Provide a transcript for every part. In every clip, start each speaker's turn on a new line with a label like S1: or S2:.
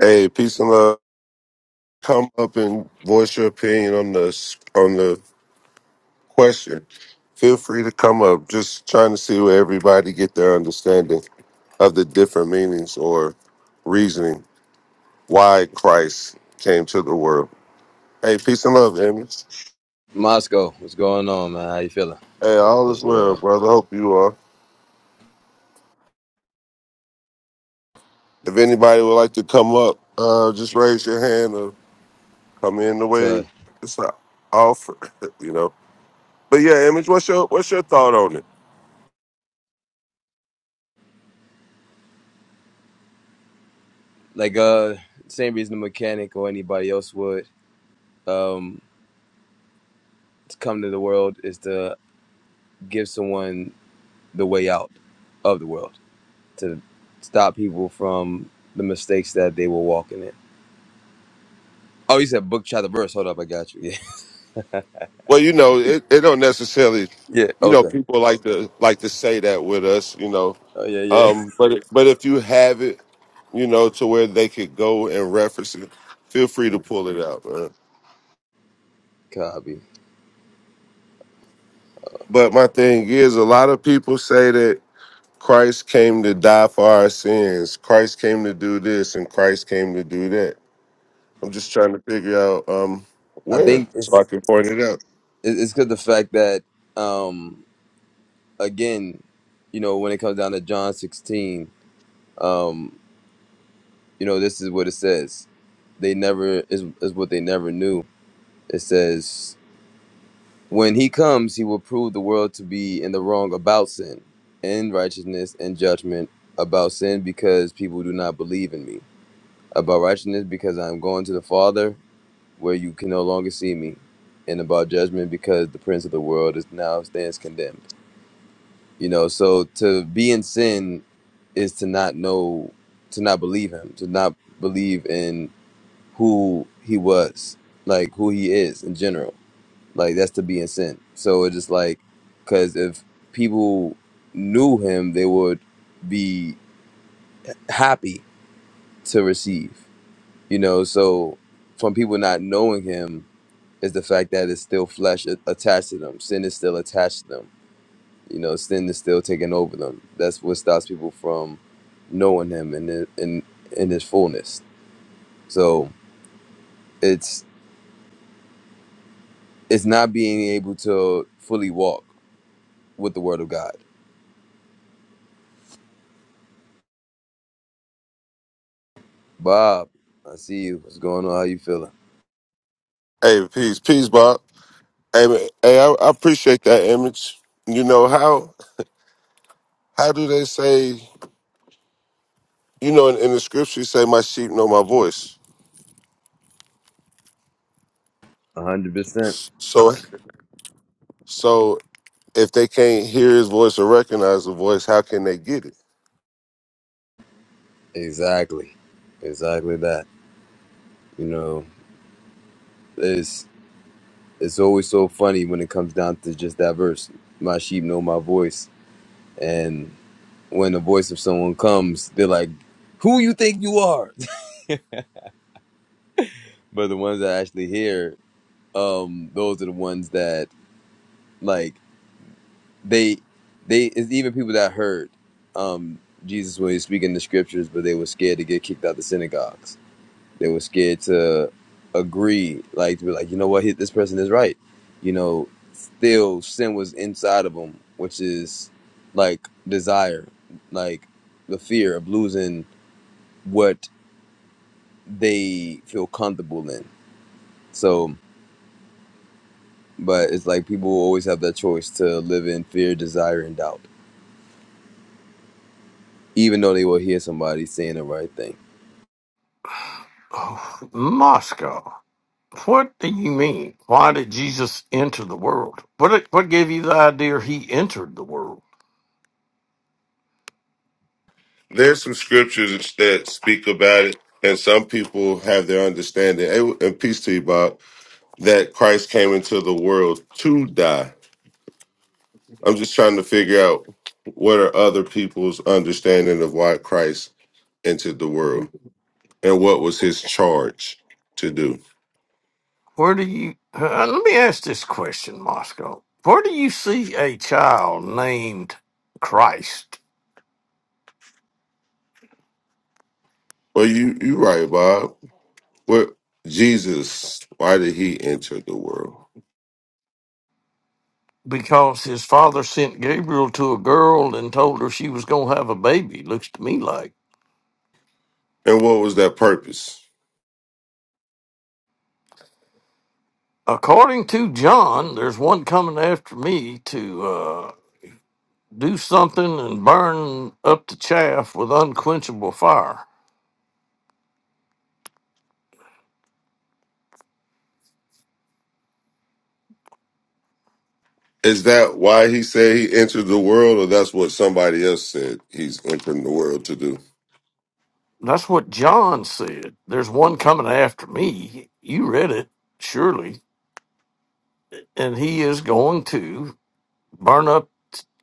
S1: Hey, peace and love. Come up and voice your opinion on the on the question. Feel free to come up. Just trying to see where everybody get their understanding of the different meanings or reasoning why Christ came to the world. Hey, peace and love, Amy.
S2: Moscow, what's going on, man? How you feeling?
S1: Hey,
S2: Hope it
S1: all
S2: was
S1: is well,
S2: well.
S1: brother. Hope you are. If anybody would like to come up, uh, just raise your hand or come in the way
S2: To
S1: it's an offer, you know. But yeah, Image, what's your what's your thought on it?
S2: like uh same reason a mechanic or anybody else would um to come to the world is to give someone the way out of the world. To stop people from the mistakes that they were walking in. Oh, you said book chapter verse. Hold up, I got you. Yeah.
S1: Well, you know, it, it don't necessarily,
S2: Yeah,
S1: you know,
S2: okay.
S1: people like to like to say that with us, you know.
S2: Oh yeah, yeah.
S1: Um, but it, but if you have it, you know, to where they could go and reference it, feel free to
S2: Mm,
S1: pull it out, man.
S2: Copy.
S1: But my thing is, a lot of people say that Christ came to die for our sins. Christ came to do this, and Christ came to do that. I'm just trying to figure out um
S2: I
S1: where
S2: think
S1: so I
S2: it's
S1: can point it out.
S2: it- it's good the fact that um again, you know, when it comes down to John sixteen, um. You know, this is what it says. They never is is what they never knew. It says, "When he comes, he will prove the world to be in the wrong about sin, in righteousness and judgment about sin because people do not believe in me. About righteousness because I am going to the Father where you can no longer see me, and about judgment because the prince of the world is now stands condemned." You know, so to be in sin is to not know to not believe him, to not believe in who he was, like who he is in general. Like that's to be in sin. So it's just like, because if people knew him, they would be happy to receive, you know. So from people not knowing him is the fact that it's still flesh a- attached to them. Sin is still attached to them. You know, sin is still taking over them. That's what stops people from knowing him in the- in in his fullness. So it's it's not being able to fully walk. with the word of God. Bob, I see you. What's going on? How you feeling?
S1: Hey, peace, peace, Bob. Hey, man, hey, I, I appreciate that image. You know how? how do they say you know in, in the scripture you say my sheep know my voice
S2: A hundred percent.
S1: so so if they can't hear his voice or recognize the voice how can they get it
S2: Exactly. Exactly that. You know, it's it's always so funny when it comes down to just that verse. My sheep know my voice. And when the voice of someone comes, they're like, Who you think you are? but the ones that actually hear, um, those are the ones that like they they it's even people that heard um Jesus when he was speaking the scriptures, but they were scared to get kicked out the synagogues They were scared to agree, like to be like, you know what, hit this person is right. You know, still sin was inside of them, which is like desire, like the fear of losing what they feel comfortable in. So, but it's like people always have that choice to live in fear, desire, and doubt, even though they will hear somebody saying the right thing.
S3: Moscow. What do you mean? Why did Jesus enter the world? What what gave you the idea he entered the world?
S1: there's some scriptures that speak about it and some people have their understanding and and peace to you bob that christ came into the world to die i'm just trying to figure out what are other people's understanding of why christ entered the world and what was his charge to do
S3: Where do you? Uh, let me ask this question, Moscow. Where do you see a child named Christ?
S1: well you you right bob What Jesus? Why did he enter the world?
S3: Because his father sent Gabriel to a girl and told her she was going to have a baby. Looks to me like,
S1: And what was that purpose?
S3: according to John, there's one coming after me to. uh, do something and burn up the chaff with unquenchable fire.
S1: Is that why he said he entered the world, or that's what somebody else said he's entering the world to do?
S3: That's what John said. There's one coming after me. You read it, surely. And he is going to burn up,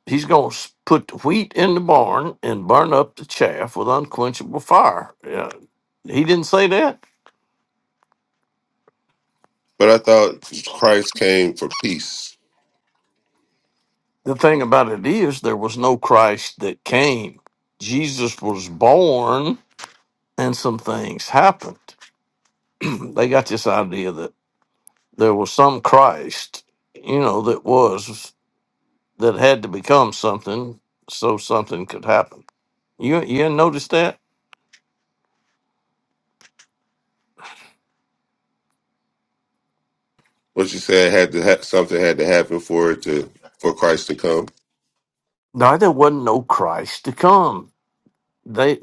S3: he's going to put the wheat in the barn and burn up the chaff with unquenchable fire. Yeah. He didn't say that.
S1: But I thought Christ came for peace.
S3: The thing about it is, there was no Christ that came. Jesus was born and some things happened. they got this idea that. there was some Christ, you know, that was that had to become something so something could happen. You you hadn't noticed that?
S1: What you said had to ha- something had to happen for it to for Christ to come.
S3: No, there wasn't no Christ to come. They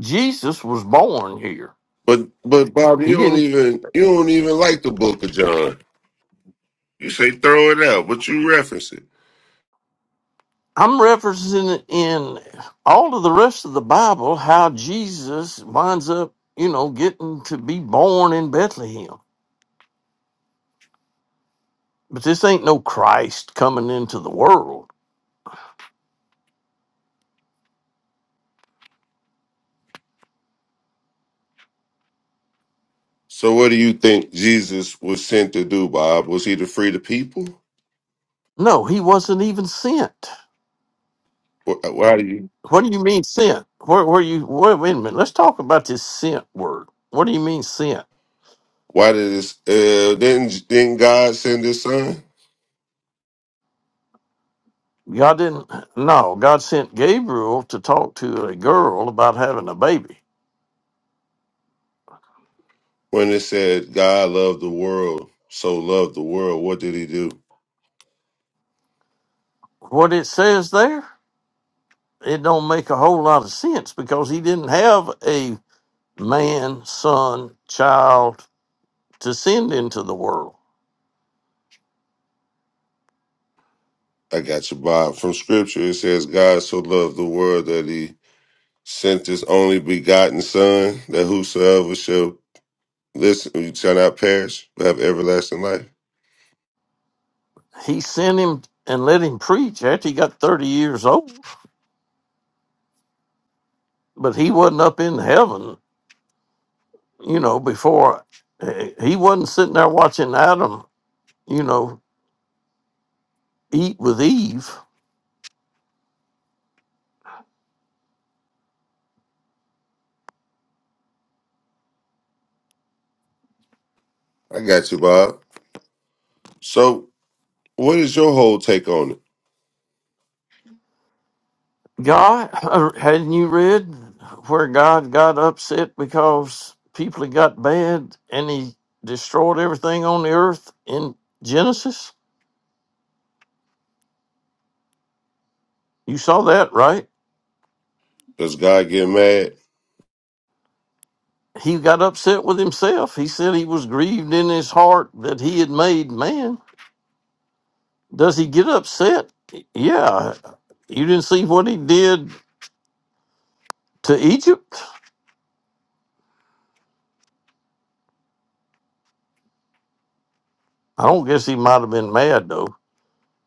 S3: Jesus was born here.
S1: But but Bob,
S3: He
S1: you don't
S3: didn't.
S1: even you don't even like the Book of John. You say throw it out, but you reference it.
S3: I'm referencing in all of the rest of the Bible how Jesus winds up, you know, getting to be born in Bethlehem. But this ain't no Christ coming into the world.
S1: So what do you think Jesus was sent to do, Bob? Was he to free the people?
S3: No, he wasn't even sent.
S1: Wh- Why do you?
S3: What do you mean sent? Where where you wait, wait a minute, let's talk about this sent word. What do you mean sent?
S1: Why did this? Uh, didn't didn't God send His Son?
S3: God didn't no, God sent Gabriel to talk to a girl about having a baby.
S1: When it said God loved the world, so loved the world, what did He do?
S3: What it says there, it don't make a whole lot of sense because he didn't have a man, son, child to send into the world.
S1: I got you, Bob. From Scripture, it says God so loved the world that He sent His only begotten Son, that whosoever shall listen shall not perish but have everlasting life.
S3: He sent him and let him preach after he got thirty years old. But he wasn't up in heaven, you know, before he he wasn't sitting there watching Adam you know, eat with Eve.
S1: I got you, Bob. So, what is your whole take on it?
S3: God, or hadn't you read where God got upset because people had got bad and he destroyed everything on the earth in Genesis? You saw that, right?
S1: Does God get mad?
S3: He got upset with himself. He said he was grieved in his heart that he had made man. Does he get upset? Yeah. You didn't see what he did to Egypt? I don't guess he might have been mad, though.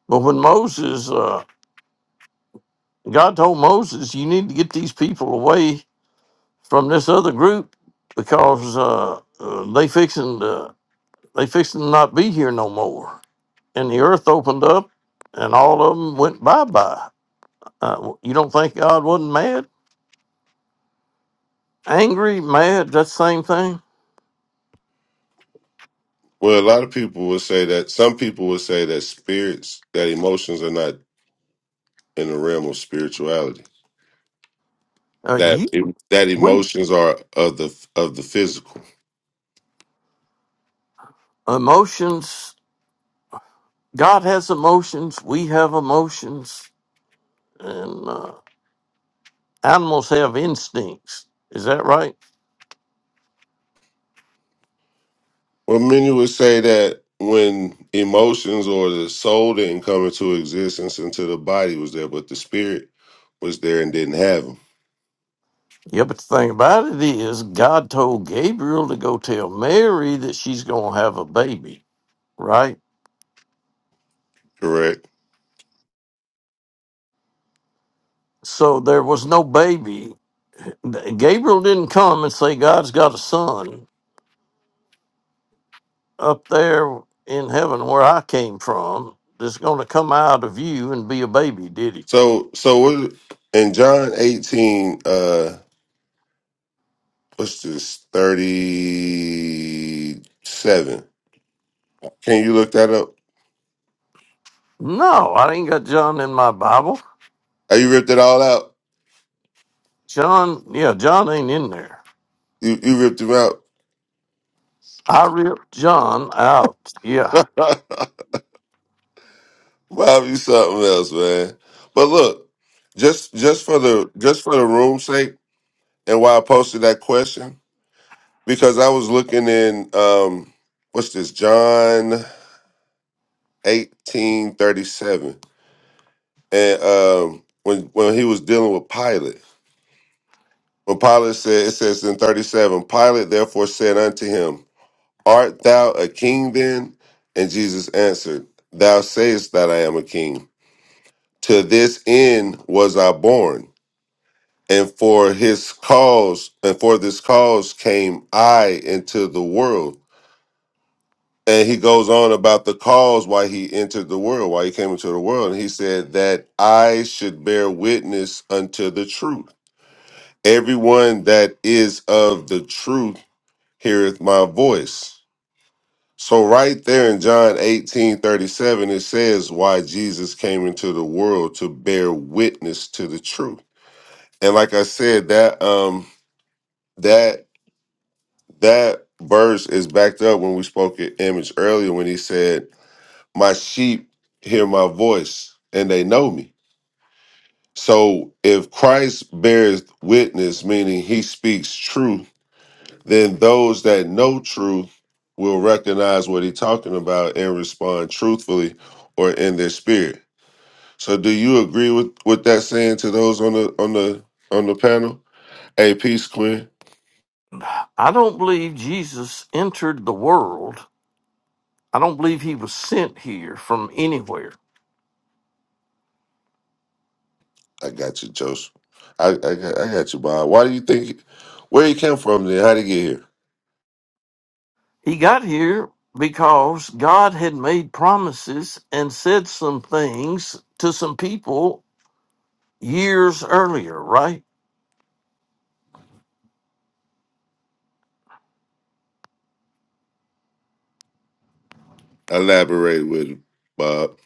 S3: But when Moses uh, God told Moses, "You need to get these people away from this other group because uh, uh, they fixing to they fixing to not be here no more." And the earth opened up, and all of them went bye bye. Uh, you don't think God wasn't mad, angry, mad? That's the same thing.
S1: Well, a lot of people would say that some people would say that spirits, that emotions are not in the realm of spirituality.
S3: Uh,
S1: That
S3: you
S1: e, that
S3: we
S1: emotions are of the of the physical.
S3: emotions. God has emotions. We have emotions, and uh, animals have instincts. Is that right?
S1: Well, many would say that when emotions or the soul didn't come into existence until the body was there, but the spirit was there and didn't have them.
S3: Yeah, but the thing about it is, God told Gabriel to go tell Mary that she's going to have a baby, right?
S1: Correct.
S3: So there was no baby. Gabriel didn't come and say, God's got a son up there in heaven where I came from that's going to come out of you and be a baby, did he?
S1: So so what in John eighteen uh what's this thirty seven? Can you look that up?
S3: No, I ain't got John in my Bible.
S1: Are you ripped it all out?
S3: John, yeah, John ain't in there.
S1: You you ripped him out.
S3: I ripped John out. Yeah.
S1: Bob, you something else, man. But look, just just for the just for the room's sake, and why I posted that question because I was looking in um what's this John eighteen thirty seven, and um when when he was dealing with Pilate, when Pilate said it says in thirty seven, Pilate therefore said unto him, Art thou a king then? And Jesus answered, Thou sayest that I am a king. To this end was I born And for his cause, and for this cause came I into the world. And he goes on about the cause why he entered the world, why he came into the world. And he said that I should bear witness unto the truth. Everyone that is of the truth heareth my voice. So right there in John 18 37, it says why Jesus came into the world to bear witness to the truth. And like I said, that um that That verse is backed up when we spoke at Image earlier when he said, My sheep hear my voice and they know me. So if Christ bears witness, meaning he speaks truth, then those that know truth will recognize what he's talking about and respond truthfully or in their spirit. So do you agree with, with that saying to those on the on the on the panel? Hey, peace, Quinn.
S3: I don't believe Jesus entered the world I don't believe he was sent here from anywhere.
S1: I got you, Joseph. I, I got I got you, Bob. Why do you think where he came from then? How'd he get here?
S3: He got here because God had made promises and said some things to some people years earlier, right?
S1: Elaborate with him, Bob.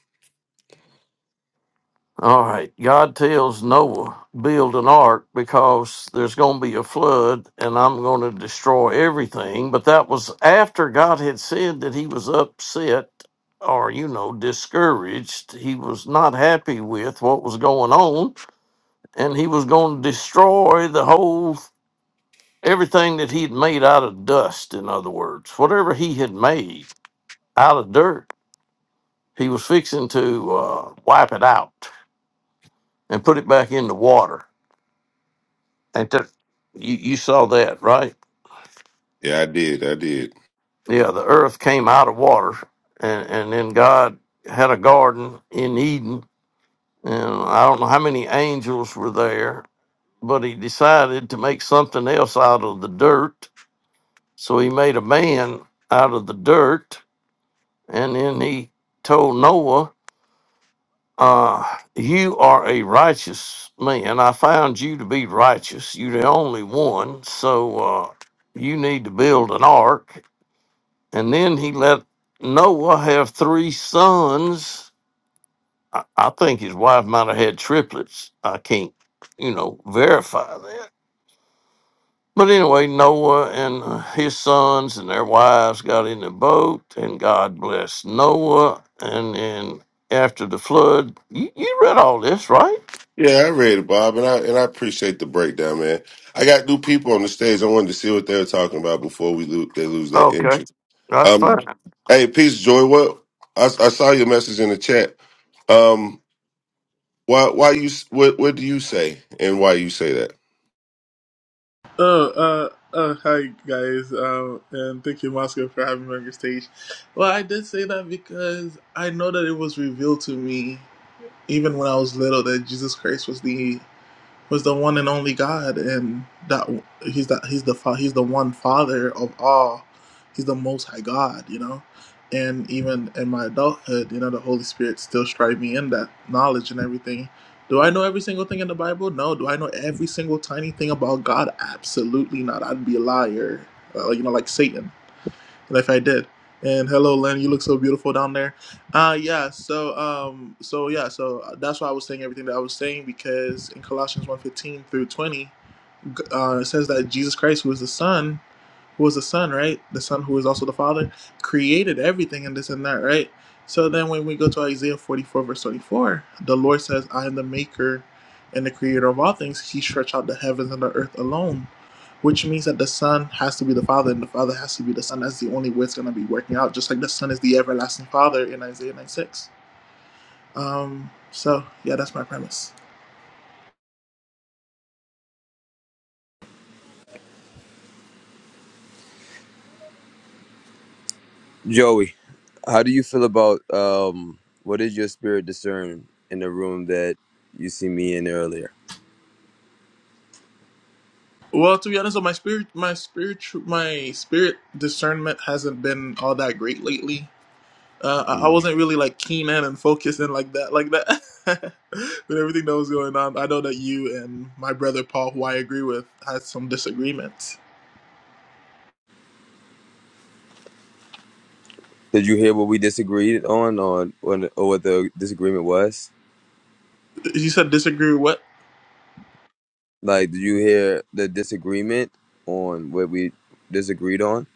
S3: All right. God tells Noah, build an ark because there's going to be a flood and I'm going to destroy everything. But that was after God had said that he was upset or, you know, discouraged. He was not happy with what was going on. and he was going to destroy the whole everything that he'd made out of dust in other words whatever he had made out of dirt he was fixing to uh, wipe it out and put it back into water and that you, you saw that right
S1: Yeah, I did. I did.
S3: yeah the earth came out of water and, and then god had a garden in eden and i don't know how many angels were there but he decided to make something else out of the dirt So he made a man out of the dirt, and then he told Noah, uh, You are a righteous man. I found you to be righteous. You're the only one. So uh, you need to build an ark. And then he let Noah have three sons. I, I think his wife might have had triplets. I can't, you know, verify that But anyway, Noah and uh, his sons and their wives got in the boat, and God blessed Noah. And then after the flood, you, you read all this, right?
S1: Yeah, I read it, Bob, and I and I appreciate the breakdown, man. I got new people on the stage. I wanted to see what they were talking about before we lo- they lose their
S3: Okay,
S1: interest.
S3: that's
S1: Um,
S3: fine.
S1: hey, peace, Joy. What I, I saw your message in the chat. Um, why why you s- what what do you say and why you say that?
S4: Oh, uh, uh, hi guys, um, and thank you, Moscow, for having me on your stage. Well, I did say that because I know that it was revealed to me, even when I was little, that Jesus Christ was the was the one and only God, and that he's that he's the fa- he's the one Father of all. He's the Most High God, you know. And even in my adulthood, you know, the Holy Spirit still strived me in that knowledge and everything. Do I know every single thing in the Bible? No. Do I know every single tiny thing about God? Absolutely not. I'd be a liar, uh, you know, like Satan. But if I did. And hello, Lynn. You look so beautiful down there. Uh, yeah. So, um, so yeah. So uh, that's why I was saying everything that I was saying because in Colossians one fifteen through 20, uh, it says that Jesus Christ, who is the Son, who was the son, right? The son who is also the father, created everything and this and that, right? So then when we go to Isaiah 44, verse 24, the Lord says, I am the maker and the creator of all things. He stretched out the heavens and the earth alone, which means that the son has to be the father and the father has to be the son. That's the only way it's going to be working out, just like the son is the everlasting father in Isaiah 96. Um, so yeah, that's my premise.
S2: Joey, how do you feel about um, what did your spirit discern in the room that you see me in earlier?
S4: Well, to be honest, my spirit, my spiritual, my spirit discernment hasn't been all that great lately. Uh, I I
S2: Mm.
S4: wasn't really like keen in and focused in like that, like that. With everything that was going on, I know that you and my brother Paul, who I agree with, had some disagreements.
S2: Did you hear what we disagreed on, on, on or what the disagreement was?
S4: You said disagree with what?
S2: Like, did you hear the disagreement on what we disagreed on?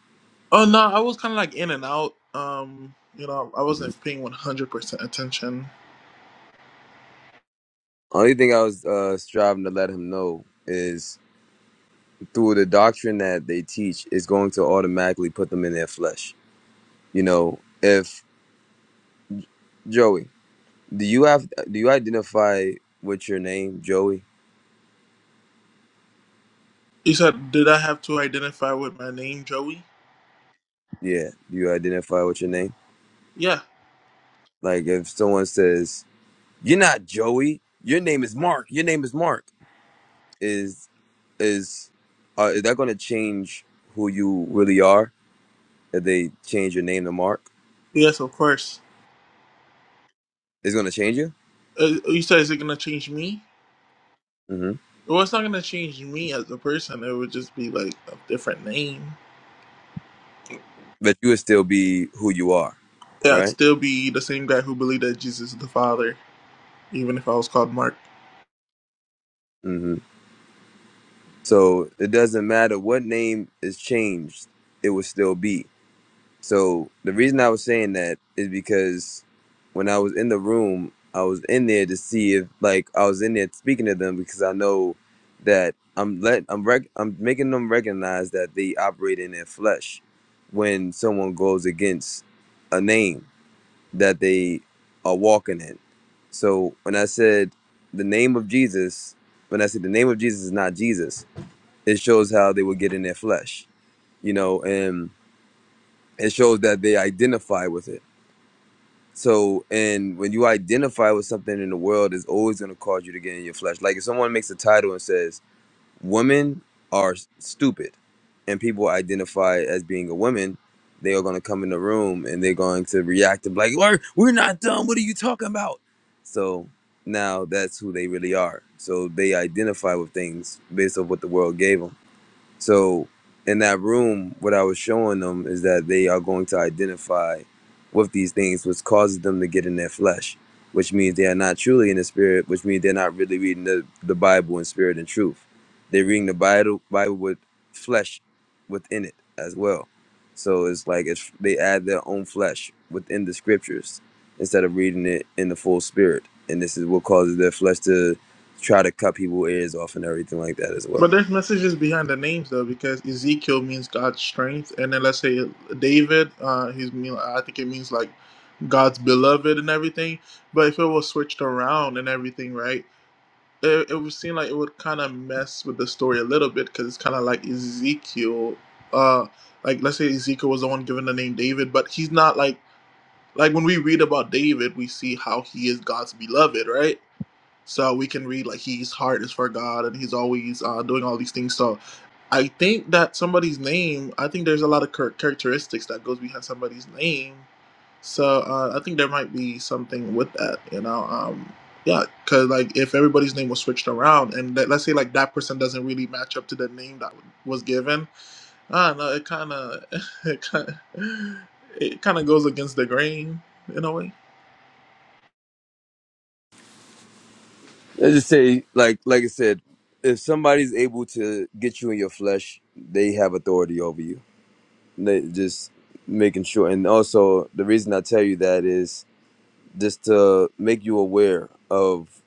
S4: Oh no, I was kind of like in and out. Um, you know, I
S2: Mhm.
S4: wasn't paying one hundred percent attention.
S2: Only thing I was uh, striving to let him know is through the doctrine that they teach is going to automatically put them in their flesh. You know, if Joey, do you have do you identify with your name, Joey?
S4: You said, did I have to identify with my name, Joey?
S2: Yeah, do you identify with your name?
S4: Yeah.
S2: Like if someone says, "You're not Joey. Your name is Mark. Your name is Mark." is is uh, is that going to change who you really are if they change your name to Mark?
S4: Yes, of course.
S2: It's going to change you,
S4: Uh, you said, is it gonna change me?
S2: hmm
S4: Well, it's not gonna change me as a person. It would just be like a different name.
S2: but you would still be who you are,
S4: Yeah, I'd
S2: right?
S4: still be the same guy who believed that Jesus is the Father, even if I was called Mark.
S2: hmm So it doesn't matter what name is changed; it will still be. So the reason I was saying that is because when I was in the room, I was in there to see if like I was in there speaking to them because I know that I'm let I'm rec- I'm making them recognize that they operate in their flesh when someone goes against a name that they are walking in. So when I said the name of Jesus, when I said the name of Jesus is not Jesus, it shows how they would get in their flesh, you know, and it shows that they identify with it So, and when you identify with something in the world, it's always going to cause you to get in your flesh. Like if someone makes a title and says, Women are stupid, and people identify as being a woman, they are going to come in the room and they're going to react and be like, We're, we're not dumb. What are you talking about? So now that's who they really are. So they identify with things based on what the world gave them so in that room, what I was showing them is that they are going to identify with these things, which causes them to get in their flesh, which means they are not truly in the spirit, which means they're not really reading the, the Bible in spirit and truth. They're reading the Bible, Bible with flesh within it as well. So it's like it's, they add their own flesh within the scriptures instead of reading it in the full spirit. And this is what causes their flesh to try to cut people's ears off and everything like that as well.
S4: But there's messages behind the names though, because Ezekiel means God's strength, and then let's say David, uh, he's mean I think it means like God's beloved and everything. But if it was switched around and everything, right? It, it would seem like it would kind of mess with the story a little bit because it's kind of like Ezekiel, uh, like let's say Ezekiel was the one given the name David, but he's not like like when we read about David, we see how he is God's beloved, right? So we can read like his heart is for God and he's always uh, doing all these things. So I think that somebody's name, I think there's a lot of char- characteristics that goes behind somebody's name. So uh, I think there might be something with that, you know. Um, yeah, because like if everybody's name was switched around and let, let's say like that person doesn't really match up to the name that was given, I don't know. It kind of it kind of it kind of goes against the grain in a way.
S2: I just say, like, like I said, if somebody's able to get you in your flesh, they have authority over you. They just making sure, and also the reason I tell you that is just to make you aware of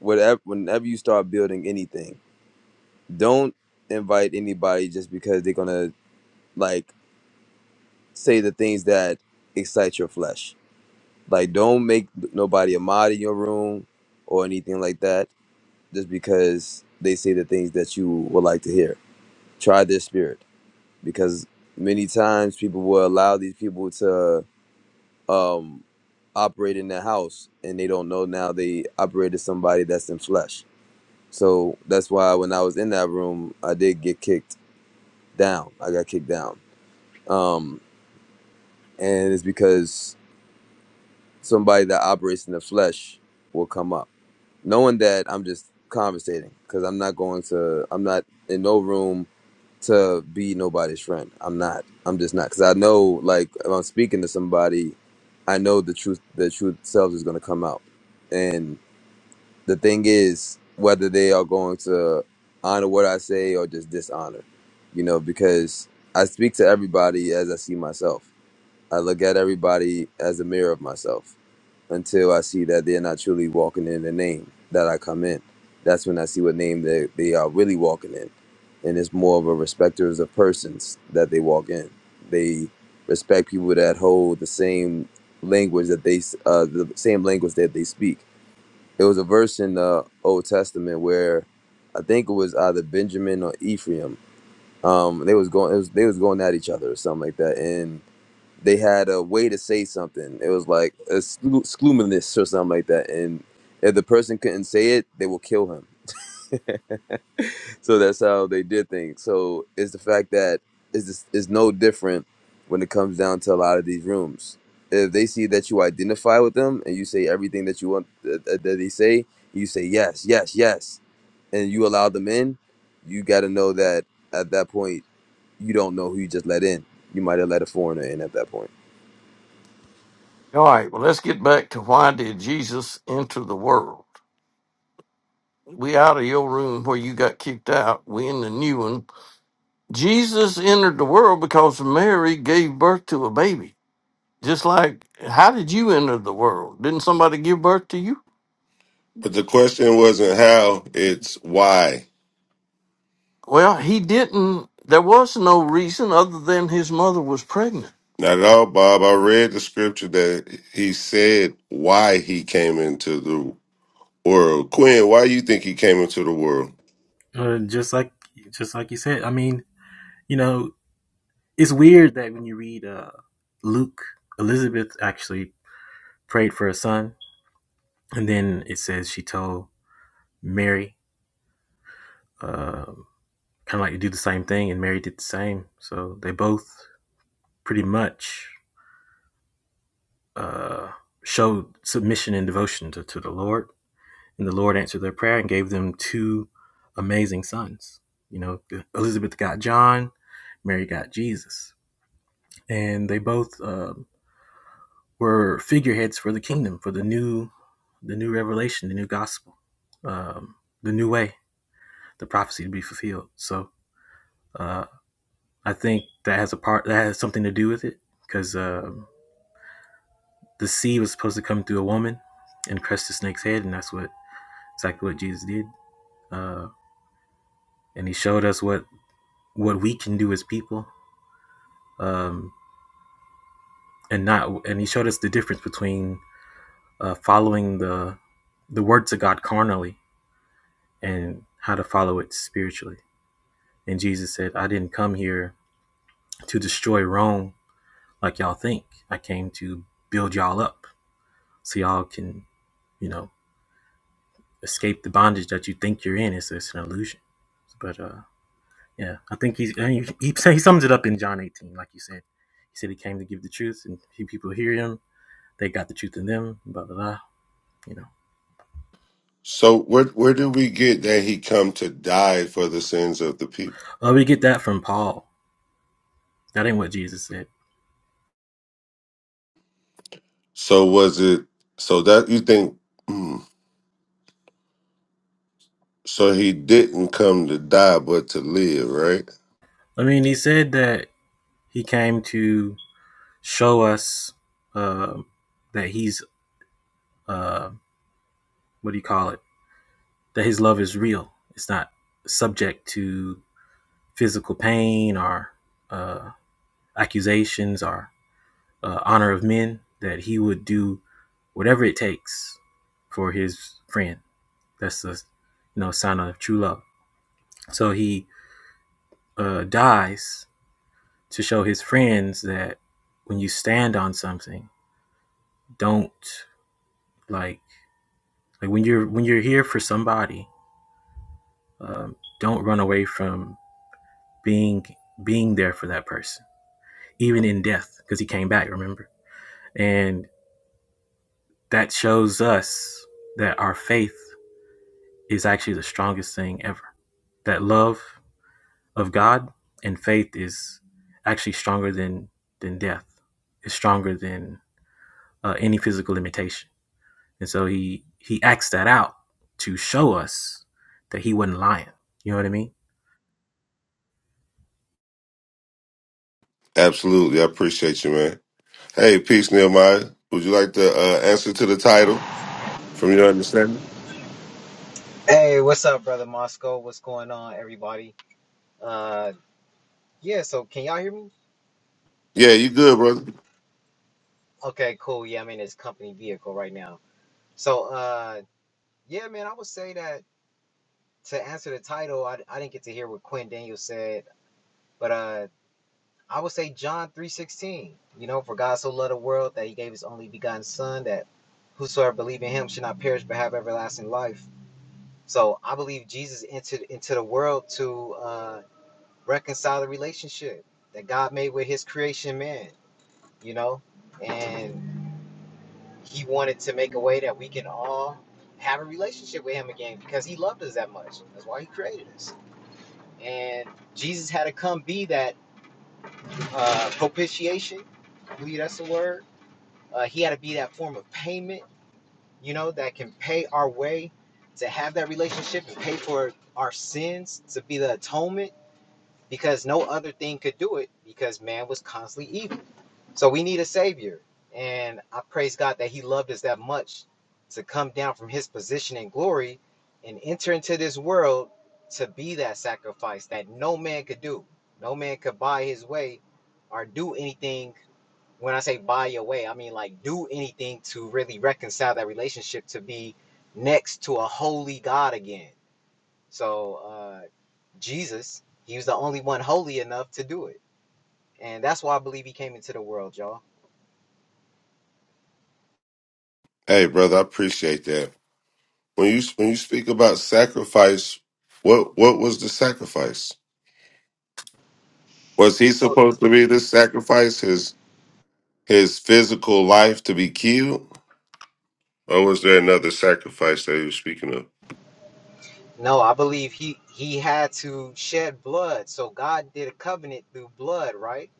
S2: whatever. Whenever you start building anything, don't invite anybody just because they're gonna like say the things that excite your flesh. Like, don't make nobody a mod in your room or anything like that, just because they say the things that you would like to hear try their spirit because many times people will allow these people to um operate in their house and they don't know now they operated somebody that's in flesh so that's why when i was in that room i did get kicked down i got kicked down um and it's because somebody that operates in the flesh will come up knowing that i'm just conversating because i'm not going to i'm not in no room to be nobody's friend. I'm not. I'm just not because I know like if I'm speaking to somebody, I know the truth. The truth selves is going to come out, and the thing is whether they are going to honor what I say or just dishonor, you know, because I speak to everybody as I see myself. I look at everybody as a mirror of myself until I see that they're not truly walking in the name that I come in. That's when I see what name they, they are really walking in. And it's more of a respecters of persons that they walk in. They respect people that hold the same language that they, uh, the same language that they speak. There was a verse in the Old Testament where I think it was either Benjamin or Ephraim. Um, they was going, it was, they was going at each other or something like that they had a way to say something. It was like a slu- sluminous or something like that. And if the person couldn't say it, they will kill him. So that's how they did things. So it's the fact that it's, just, it's no different when it comes down to a lot of these rooms. If they see that you identify with them and you say everything that you want that, that that they say, you say yes, yes, yes, and you allow them in, you got to know that at that point, you don't know who you just let in. You might have let a foreigner in at that point.
S3: All right, well, let's get back to why did Jesus enter the world? We out of your room where you got kicked out. We in the new one. Jesus entered the world because Mary gave birth to a baby. Just like, how did you enter the world? Didn't somebody give birth to you?
S1: But the question wasn't how; it's why.
S3: Well, he didn't. There was no reason other than his mother was pregnant.
S1: Not at all, Bob. I read the scripture that he said why he came into the world. Quinn, why you think he came into the world?
S5: Uh, just like just like you said, I mean, you know, it's weird that when you read uh, Luke, Elizabeth actually prayed for a son, and then it says she told Mary, uh, kind of like to do the same thing, and Mary did the same. So they both pretty much uh, showed submission and devotion to, to the Lord, and the Lord answered their prayer and gave them two amazing sons. You know, Elizabeth got John, Mary got Jesus, and they both. um were figureheads for the kingdom, for the new, the new revelation, the new gospel, um, the new way, the prophecy to be fulfilled. So uh, I think that has a part that has something to do with it, because um, the seed was supposed to come through a woman and crush the snake's head, and that's what exactly what Jesus did. Uh, and he showed us what what we can do as people, um, and not and he showed us the difference between uh, following the the words of God carnally and how to follow it spiritually. And Jesus said, I didn't come here to destroy Rome like y'all think. I came to build y'all up so y'all can, you know, escape the bondage that you think you're in. It's, it's an illusion. But uh, yeah, I think he's, he, he, he sums it up in John 18, like you said. He said he came to give the truth, and few people hear him. They got the truth in them, blah, blah, blah. You know,
S1: So where where do we get that he come to die for the sins of the people?
S5: uh, we get that from Paul. That ain't what Jesus said.
S1: So was it so that you think hmm, so he didn't come to die but to live, right?
S5: I mean, he said that he came to show us uh, that he's. Uh, what do you call it? That his love is real. It's not subject to physical pain or uh, accusations or uh, honor of men. That he would do whatever it takes for his friend. That's the you know sign of true love. So he uh, dies to show his friends that when you stand on something, don't like like when you're when you're here for somebody, um, don't run away from being being there for that person even in death, because he came back, remember? And that shows us that our faith is actually the strongest thing ever. That love of God and faith is actually stronger than than death. It's stronger than uh, any physical limitation. And so he he acts that out to show us that he wasn't lying. You know what I mean?
S1: Absolutely. I appreciate you, man. Hey, peace, Nehemiah. Would you like to uh, answer to the title from your understanding?
S6: Hey, what's up, brother Moscow? What's going on, everybody? Uh, yeah. So, can y'all hear me?
S1: Yeah, you good, brother.
S6: Okay, cool. Yeah, I'm in this company vehicle right now. So, uh, yeah, man, I would say that to answer the title, I, I didn't get to hear what Quinn Daniels said, but uh, I would say John three sixteen. You know, for God so loved the world that He gave His only begotten Son, that whosoever believe in Him should not perish but have everlasting life. So, I believe Jesus entered into the world to. Uh, reconcile the relationship that God made with his creation man, you know? And he wanted to make a way that we can all have a relationship with him again because he loved us that much. That's why he created us. And Jesus had to come be that uh, propitiation. I believe that's the word. Uh, he had to be that form of payment, you know, that can pay our way to have that relationship and pay for our sins, to be the atonement, because no other thing could do it because man was constantly evil So we need a savior. And I praise God that he loved us that much to come down from his position in glory and enter into this world to be that sacrifice that no man could do. No man could buy his way or do anything. When I say buy your way, I mean like do anything to really reconcile that relationship to be next to a holy God again. So uh Jesus, he was the only one holy enough to do it. And that's why I believe he came into the world, y'all.
S1: Hey, brother, I appreciate that. When you when you speak about sacrifice, what what was the sacrifice? Was he
S6: So
S1: supposed to be the sacrifice? His his physical life to be killed, or was there another sacrifice that he was speaking of?
S6: No, I believe he he had to shed blood. So God did a covenant through blood, right?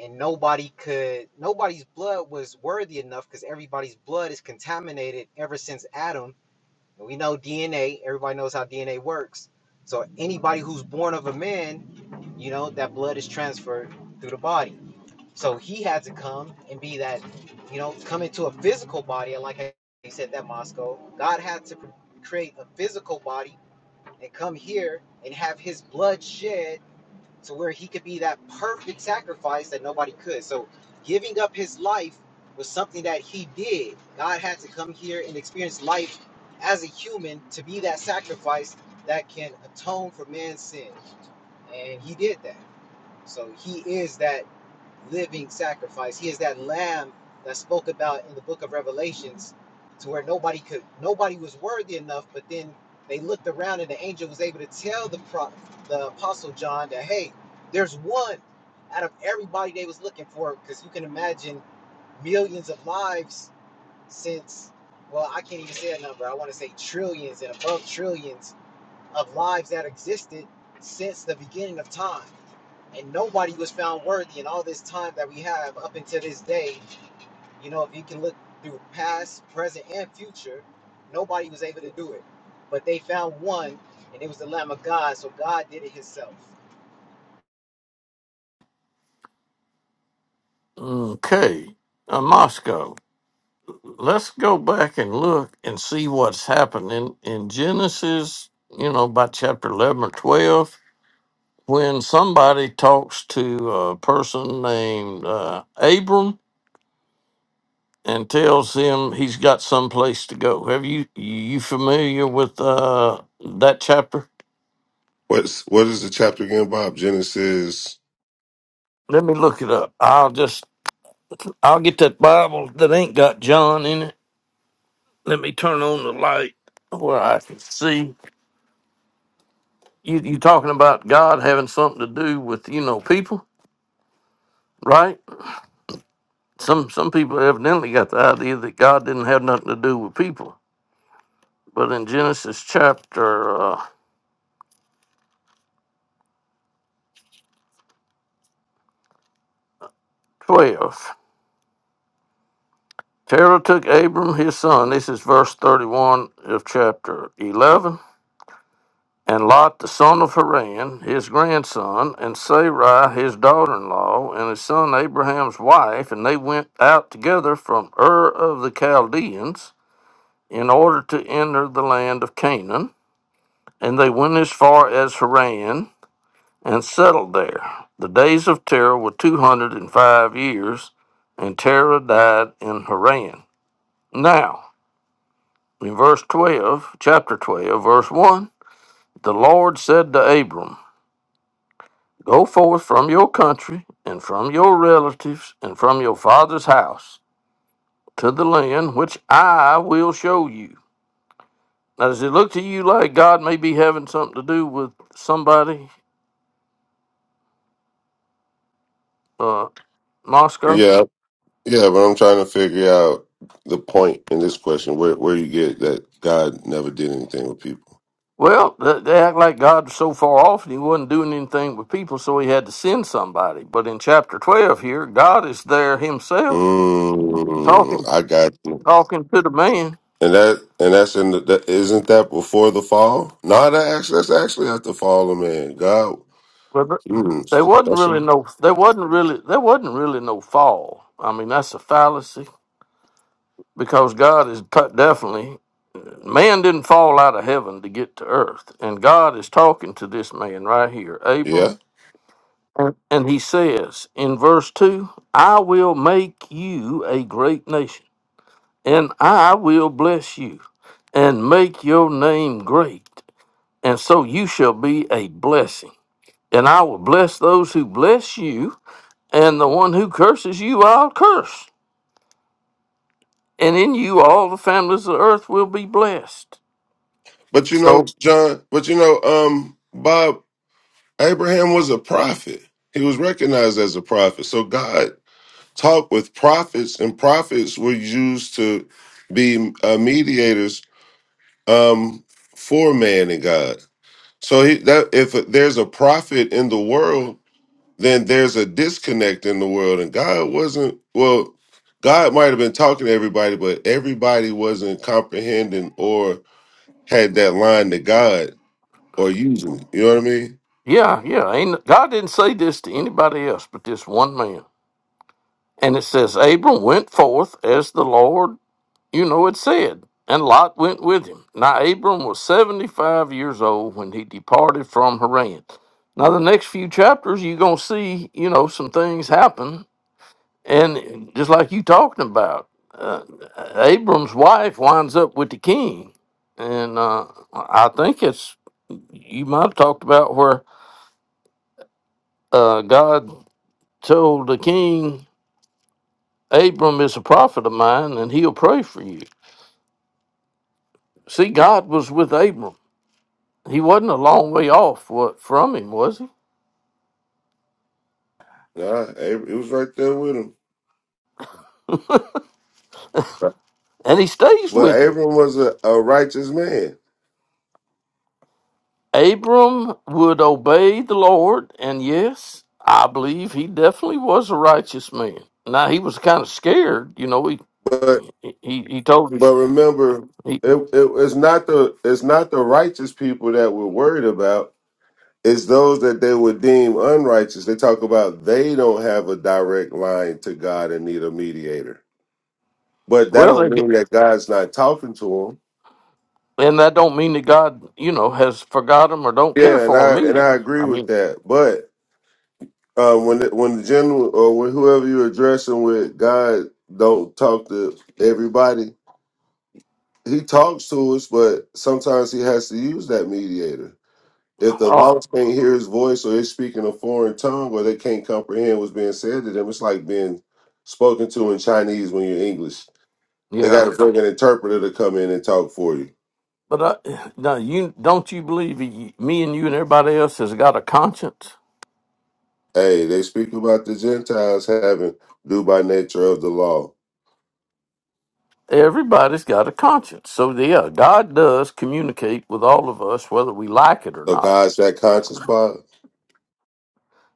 S6: And nobody could nobody's blood was worthy enough because everybody's blood is contaminated ever since Adam. And we know DNA, everybody knows how DNA works. So anybody who's born of a man, you know, that blood is transferred through the body. So he had to come and be that, you know, come into a physical body. And like I said, that Moscow, God had to create a physical body and come here and have his blood shed to where he could be that perfect sacrifice that nobody could. So giving up his life was something that he did. God had to come here and experience life as a human to be that sacrifice that can atone for man's sin. And he did that. So he is that living sacrifice. He is that lamb that spoke about in the book of Revelations to where nobody could nobody was worthy enough, but then they looked around and the angel was able to tell the pro, the apostle John that hey, there's one out of everybody they was looking for because you can imagine millions of lives since well, I can't even say a number. I want to say trillions and above trillions of lives that existed since the beginning of time. And nobody was found worthy in all this time that we have up until this day. You know, if you can look through past, present, and future, nobody was able to do it. But they found one, and it was the Lamb of God. So God did it Himself.
S3: Okay, uh, Moscow. Let's go back and look and see what's happening in Genesis. You know, by chapter eleven or twelve, when somebody talks to a person named uh, Abram and tells him he's got someplace to go. Have you you familiar with uh, that chapter?
S1: What's what is the chapter again, Bob? Genesis.
S3: Let me look it up. I'll just I'll get that Bible that ain't got John in it. Let me turn on the light where I can see. You you talking about God having something to do with, you know, people, right? Some some people evidently got the idea that God didn't have nothing to do with people. But in Genesis chapter uh, 12, Terah took Abram his son. This is verse 31 of chapter 11 and Lot the son of Haran, his grandson, and Sarai his daughter-in-law, and his son Abraham's wife, and they went out together from Ur of the Chaldeans in order to enter the land of Canaan, and they went as far as Haran and settled there. The days of Terah were two hundred and five years, and Terah died in Haran. Now, in verse twelve, chapter twelve, verse one, the Lord said to Abram. Go forth from your country and from your relatives and from your father's house to the land which I will show you. Now, does it look to you like God may be having something to do with somebody, uh, Moscow?
S1: Yeah, yeah, but I'm trying to figure out the point in this question. Where where you get that God never did anything with people?
S3: Well, th- they act like God was so far off and he wasn't doing anything with people, so he had to send somebody. But in chapter 12 here, God is there himself
S1: Mm,
S3: talking,
S1: I got.
S3: talking to the man.
S1: And that and that's in the that, isn't that before the fall? No, that actually that's actually after fall of man. God,
S3: But th- there
S1: mm,
S3: wasn't
S1: that's it.
S3: really no there wasn't really there wasn't really no fall. I mean that's a fallacy because God is t- definitely man didn't fall out of heaven to get to earth, and God is talking to this man right here, Abram,
S1: Yeah,
S3: and and he says in verse two, "I will make you a great nation, and I will bless you, and make your name great, and so you shall be a blessing, and I will bless those who bless you." And the one who curses you, I'll curse. And in you, all the families of the earth will be blessed.
S1: but you know,
S3: So,
S1: John, but you know, um, Bob Abraham was a prophet. He was recognized as a prophet. So God talked with prophets, and prophets were used to be uh, mediators um, for man and God. So he, that if there's a prophet in the world, then there's a disconnect in the world and god wasn't well god might have been talking to everybody but everybody wasn't comprehending or had that line to god or using it you know what i mean
S3: yeah, yeah. Ain't, no, God didn't say this to anybody else but this one man. And it says, Abram went forth as the Lord, you know, had said, and Lot went with him. Now, Abram was 75 years old when he departed from Haran. Now, the next few chapters, you're going to see, you know, some things happen And just like you talking about, uh, Abram's wife winds up with the king, and uh, I think it's you might have talked about where uh, God told the king, "Abram is a prophet of mine, and he'll pray for you." See, God was with Abram; he wasn't a long way off wa- from him, was he?
S1: nah Ab- it was right there with him
S3: And he stays
S1: but
S3: with him.
S1: abram was a, a righteous man
S3: Abram would obey the Lord, and yes, I believe he definitely was a righteous man. Now he was kind of scared, you know. He
S1: but
S3: he, he told his
S1: but remember
S3: he,
S1: it, it, it's not the it's not the righteous people that we're worried about it's those that they would deem unrighteous they talk about they don't have a direct line to god and need a mediator but that
S3: well,
S1: don't
S3: they,
S1: mean
S3: get-
S1: that God's not talking to him.
S3: and that don't mean that God, you know, has forgot him or don't care
S1: Yeah, and
S3: for
S1: I
S3: him
S1: and I
S3: either.
S1: agree
S3: I
S1: with
S3: mean,
S1: that. But uh, when the, when the general or when whoever you're addressing with, God don't talk to everybody. He talks to us, but sometimes he has to use that mediator. If the
S3: oh
S1: lost can't hear his voice, or they're speaking a foreign tongue, or they can't comprehend what's being said to them, it's like being spoken to in Chinese when you're English. They got
S3: yeah,
S1: to bring an interpreter to come in and talk for you.
S3: but I, now you don't you believe he, me and you and everybody else has got a conscience?
S1: Hey, they speak about the Gentiles having due by nature of the law.
S3: Everybody's got a conscience, so yeah, God does communicate with all of us, whether we like it or
S1: So
S3: not
S1: God's that conscious body.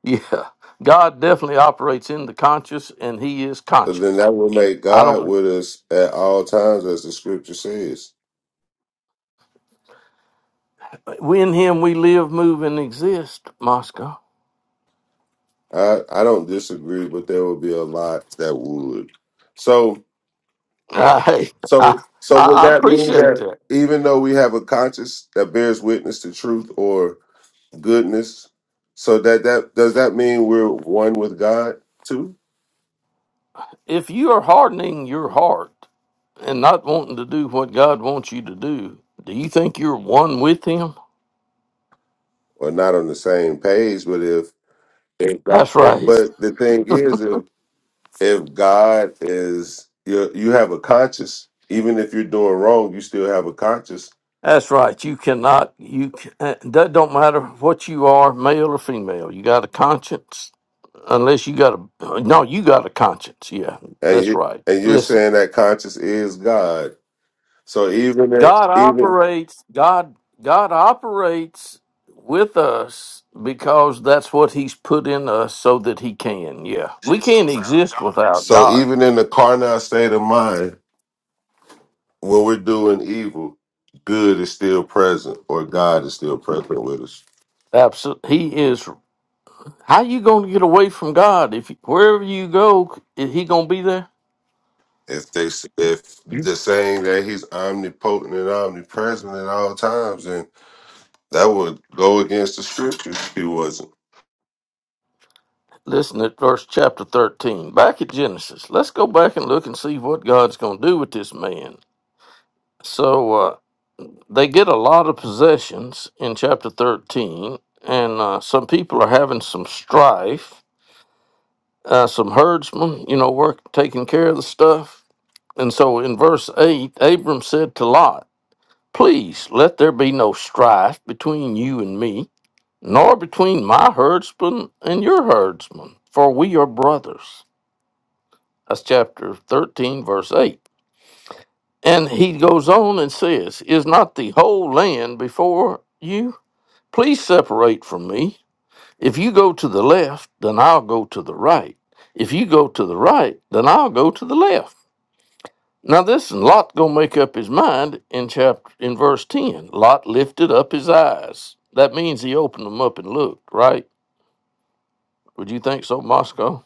S3: Yeah, God definitely operates in the conscious, and He is
S1: So then
S3: conscious.
S1: that will make
S3: I
S1: God
S3: don't.
S1: with us at all times, as the scripture says.
S3: we In Him, we live, move, and exist. Moscow.
S1: I, I don't disagree, but there will be a lot that would. So
S3: I, hey,
S1: so
S3: I
S1: so would
S3: I
S1: that mean
S3: appreciate
S1: that
S3: that.
S1: even though we have a conscience that bears witness to truth or goodness, so that that does that mean we're one with God too,
S3: If you are hardening your heart and not wanting to do what God wants you to do, do you think you're one with Him?
S1: or not on the same page? But if If God-
S3: That's
S1: if-
S3: right.
S1: but the thing is, if if God is you, you have a conscience. Even if you're doing wrong, you still have a conscience,
S3: That's right. You cannot. You can, uh, that don't matter what you are, male or female. You got a conscience unless you got a no you got a conscience yeah
S1: and
S3: that's
S1: you
S3: right
S1: and you're
S3: listen
S1: saying that conscience is God. So even if,
S3: god
S1: even
S3: operates god god operates with us because that's what he's put in us so that he can yeah we
S1: this
S3: can't
S1: was our
S3: exist
S1: God.
S3: without
S1: so
S3: god
S1: even in the carnal state of mind, when we're doing evil, good is still present, or God is still present with us.
S3: absolutely he is how you going to get away from god if you- wherever you go is he going to be there
S1: If they if
S3: You-
S1: the saying that He's omnipotent and omnipresent at all times, and That would go against the scriptures if he wasn't.
S3: listen at verse chapter 13 back at genesis let's go back and look and see what god's going to do with this man so uh, they get a lot of possessions in chapter 13 and uh, some people are having some strife uh, some herdsmen you know work taking care of the stuff and so in verse 8 abram said to lot please let there be no strife between you and me nor between my herdsmen and your herdsmen for we are brothers that's chapter 13 verse 8 and he goes on and says is not the whole land before you Please separate from me. If you go to the left, then I'll go to the right. If you go to the right, then I'll go to the left. Now this and Lot gonna make up his mind in chapter in verse ten. Lot lifted up his eyes. That means he opened them up and looked, right? Would you think so, Moscow?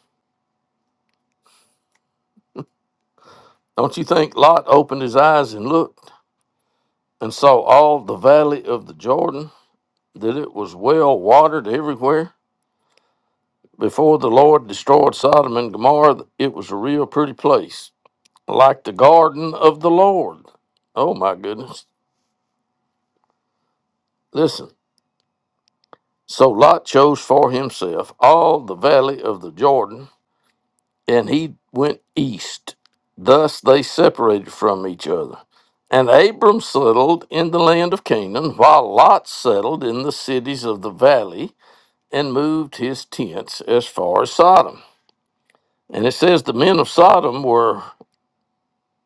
S3: Don't you think Lot opened his eyes and looked and saw all the valley of the Jordan, that it was well watered everywhere? Before the Lord destroyed Sodom and Gomorrah, it was a real pretty place. like the garden of the Lord. Oh my goodness. Listen. So Lot chose for himself all the valley of the Jordan, and he went east. Thus they separated from each other. And Abram settled in the land of Canaan, while Lot settled in the cities of the valley and moved his tents as far as Sodom. And it says the men of Sodom were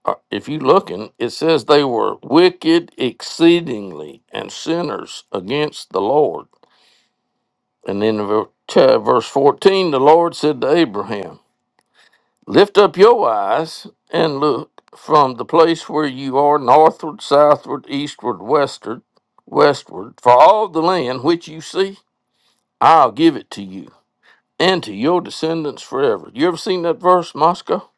S3: uh, if you looking, it says they were wicked exceedingly and sinners against the Lord. And then in ver- to- verse 14, the Lord said to Abraham, Lift up your eyes and look from the place where you are northward, southward, eastward, westward, westward, for all the land which you see, I'll give it to you and to your descendants forever. You ever seen that verse, Moscow?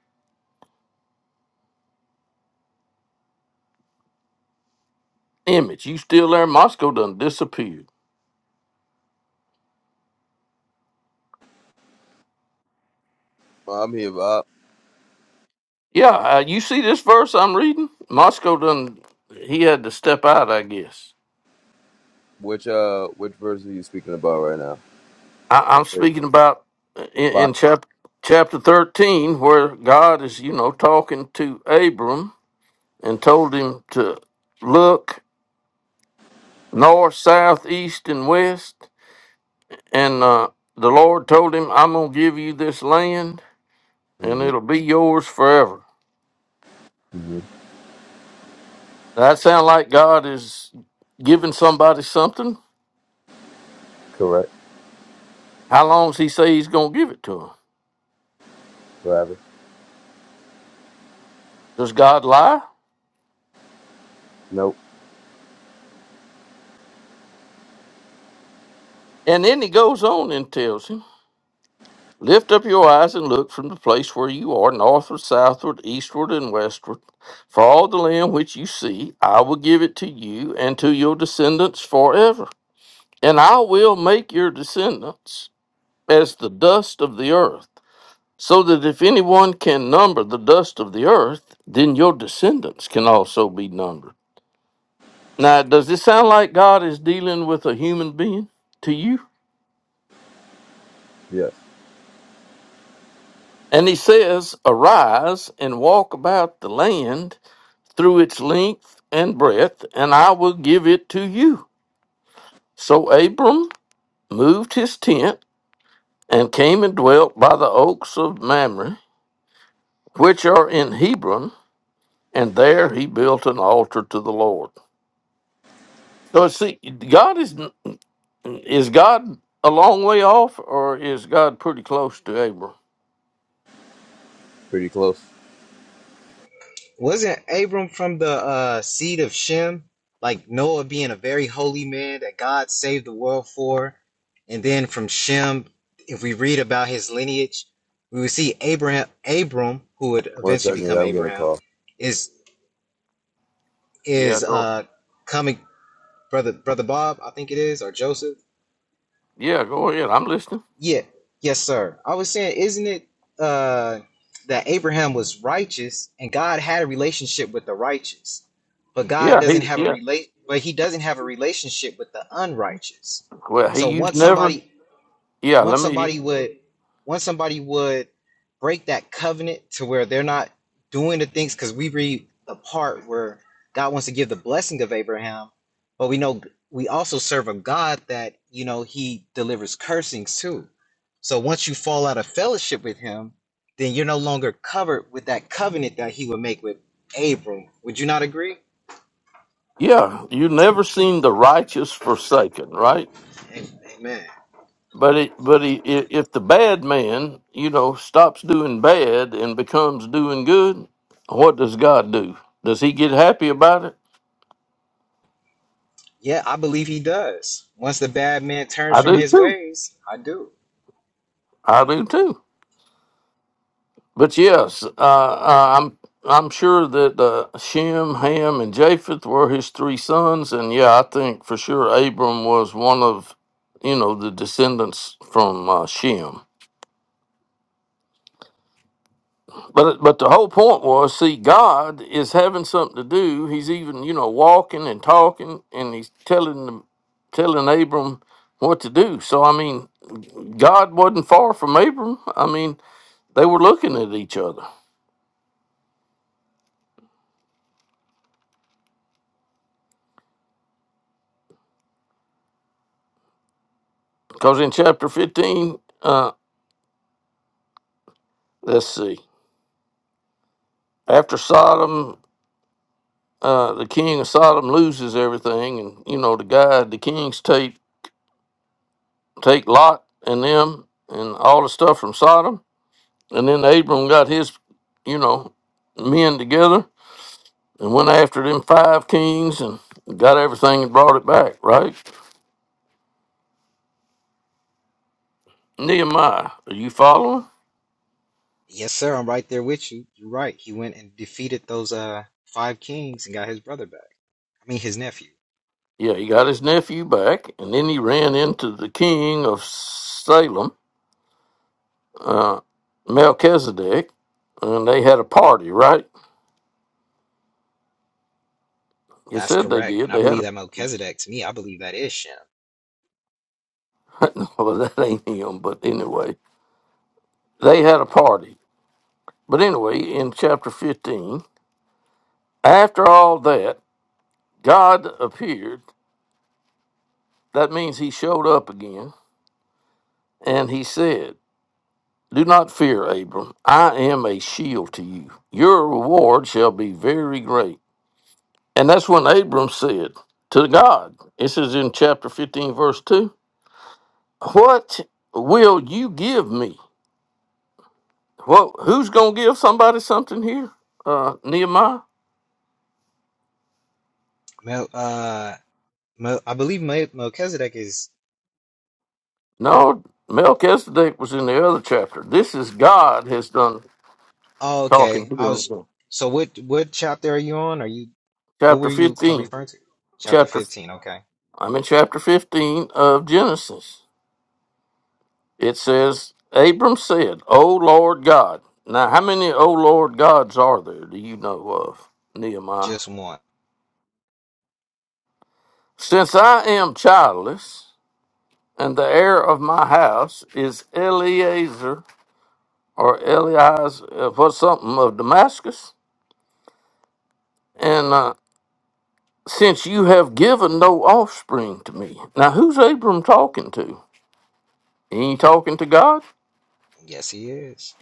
S3: Image, you still there? Moscow done disappeared.
S2: Well, I'm here, Bob.
S3: Yeah, uh, you see this verse I'm reading? Moscow done, he had to step out, I guess.
S2: Which uh, which verse are you speaking about right now?
S3: I, I'm
S2: It's
S3: speaking about uh, in,
S2: Lot.
S3: in chap, chapter 13, where God is, you know, talking to Abram and told him to look north, south, east, and west. And uh, the Lord told him, I'm going to give you this land and
S2: hmm
S3: it'll be yours forever.
S2: hmm
S3: That sound like God is giving somebody something?
S2: Correct.
S3: How long's he say he's going to give it to him?
S2: Forever.
S3: Does God lie?
S2: Nope.
S3: And then he goes on and tells him, Lift up your eyes and look from the place where you are, northward, southward, eastward, and westward. For all the land which you see, I will give it to you and to your descendants forever. And I will make your descendants as the dust of the earth, so that if anyone can number the dust of the earth, then your descendants can also be numbered. Now, does this sound like God is dealing with a human being to you?
S2: Yes.
S3: And he says, Arise and walk about the land through its length and breadth, and I will give it to you. So Abram moved his tent and came and dwelt by the oaks of Mamre, which are in Hebron, and there he built an altar to the Lord. So see, God is is God a long way off, or is God pretty close to Abram?
S2: Pretty close.
S6: Wasn't Abram from the uh, seed of Shem? Like Noah being a very holy man that God saved the world for. And then from Shem, if we read about his lineage, we would see Abraham, Abram, who would
S2: One
S6: eventually
S2: second.
S6: become
S2: Yeah, I'm getting a
S6: Abraham,
S2: call.
S6: is
S3: Yeah,
S6: is
S3: go
S6: uh coming brother brother Bob, I think it is, or Joseph.
S3: yeah, go ahead. I'm listening.
S6: Yeah, yes, sir. I was saying, isn't it uh that Abraham was righteous and God had a relationship with the righteous, but God
S3: Yeah,
S6: doesn't
S3: he
S6: have a
S3: yeah.
S6: relate, but he doesn't have a relationship with the unrighteous.
S3: Well, he
S6: So
S3: you've
S6: once
S3: never
S6: somebody
S3: yeah. Let
S6: once
S3: me
S6: somebody would once somebody would break that covenant to where they're not doing the things because we read the part where god wants to give the blessing of abraham but we know we also serve a god that you know he delivers cursings too so once you fall out of fellowship with him then you're no longer covered with that covenant that he would make with abram would you not agree
S3: Yeah, you never seen the righteous forsaken, right?
S6: Amen.
S3: But it, but he, i- if the bad man, you know, stops doing bad and becomes doing good, what does God do? Does He get happy about it?
S6: yeah i believe he does once the bad man turns
S3: I
S6: from
S3: do
S6: his
S3: too.
S6: ways i do
S3: I do too. But yes, uh, uh, I'm I'm sure that uh, Shem, Ham, and Japheth were his three sons, and yeah, I think for sure Abram was one of, you know, the descendants from uh, Shem. But but the whole point was, see, God is having something to do. He's even you know walking and talking, and he's telling them, telling Abram what to do. So I mean, God wasn't far from Abram. I mean, they were looking at each other because in chapter fifteen, uh, let's see, after Sodom, uh, the king of Sodom loses everything, and you know the guy, the kings take take Lot and them and all the stuff from Sodom And then Abram got his, you know, men together and went after them five kings and got everything and brought it back, right? Nehemiah, are you following?
S6: Yes, sir. I'm right there with you. You're right. He went and defeated those uh five kings and got his brother back. I mean, his nephew.
S3: Yeah, he got his nephew back, and then he ran into the king of Salem, uh, Melchizedek, and they had a party, right? He
S6: That's
S3: said they
S6: correct. And
S3: did.
S6: I
S3: They had
S6: believe
S3: a
S6: that Melchizedek. To me, I believe that is Shem.
S3: well, that ain't him, but anyway, they had a party. But anyway, in chapter fifteen, after all that, God appeared That means he showed up again and he said, Do not fear, Abram. I am a shield to you. Your reward shall be very great. And that's when Abram said to God, This is in chapter 15, verse 2, What will you give me? Well, who's going to give somebody something here? Uh, Nehemiah?
S6: Mel, uh, Mel, I believe Mel, Melchizedek is.
S3: No, Melchizedek was in the other chapter. This is God has done
S6: Oh,
S3: talking
S6: okay.
S3: to
S6: I
S3: him.
S6: was.
S3: again.
S6: So what? What chapter are you on? Are you? What were
S3: Chapter
S6: you uh,
S3: 15,
S6: referring to? Chapter
S3: chapter
S6: fifteen. Okay.
S3: I'm in chapter 15 of Genesis. It says, Abram said, O Lord God. Now, how many O Lord gods are there do you know of, Nehemiah?
S6: Just one.
S3: Since I am childless, and the heir of my house is Eleazar or Elias, or something of Damascus, and uh, since you have given no offspring to me. Now, who's Abram talking to? He ain't talking to God?
S6: Yes, he is.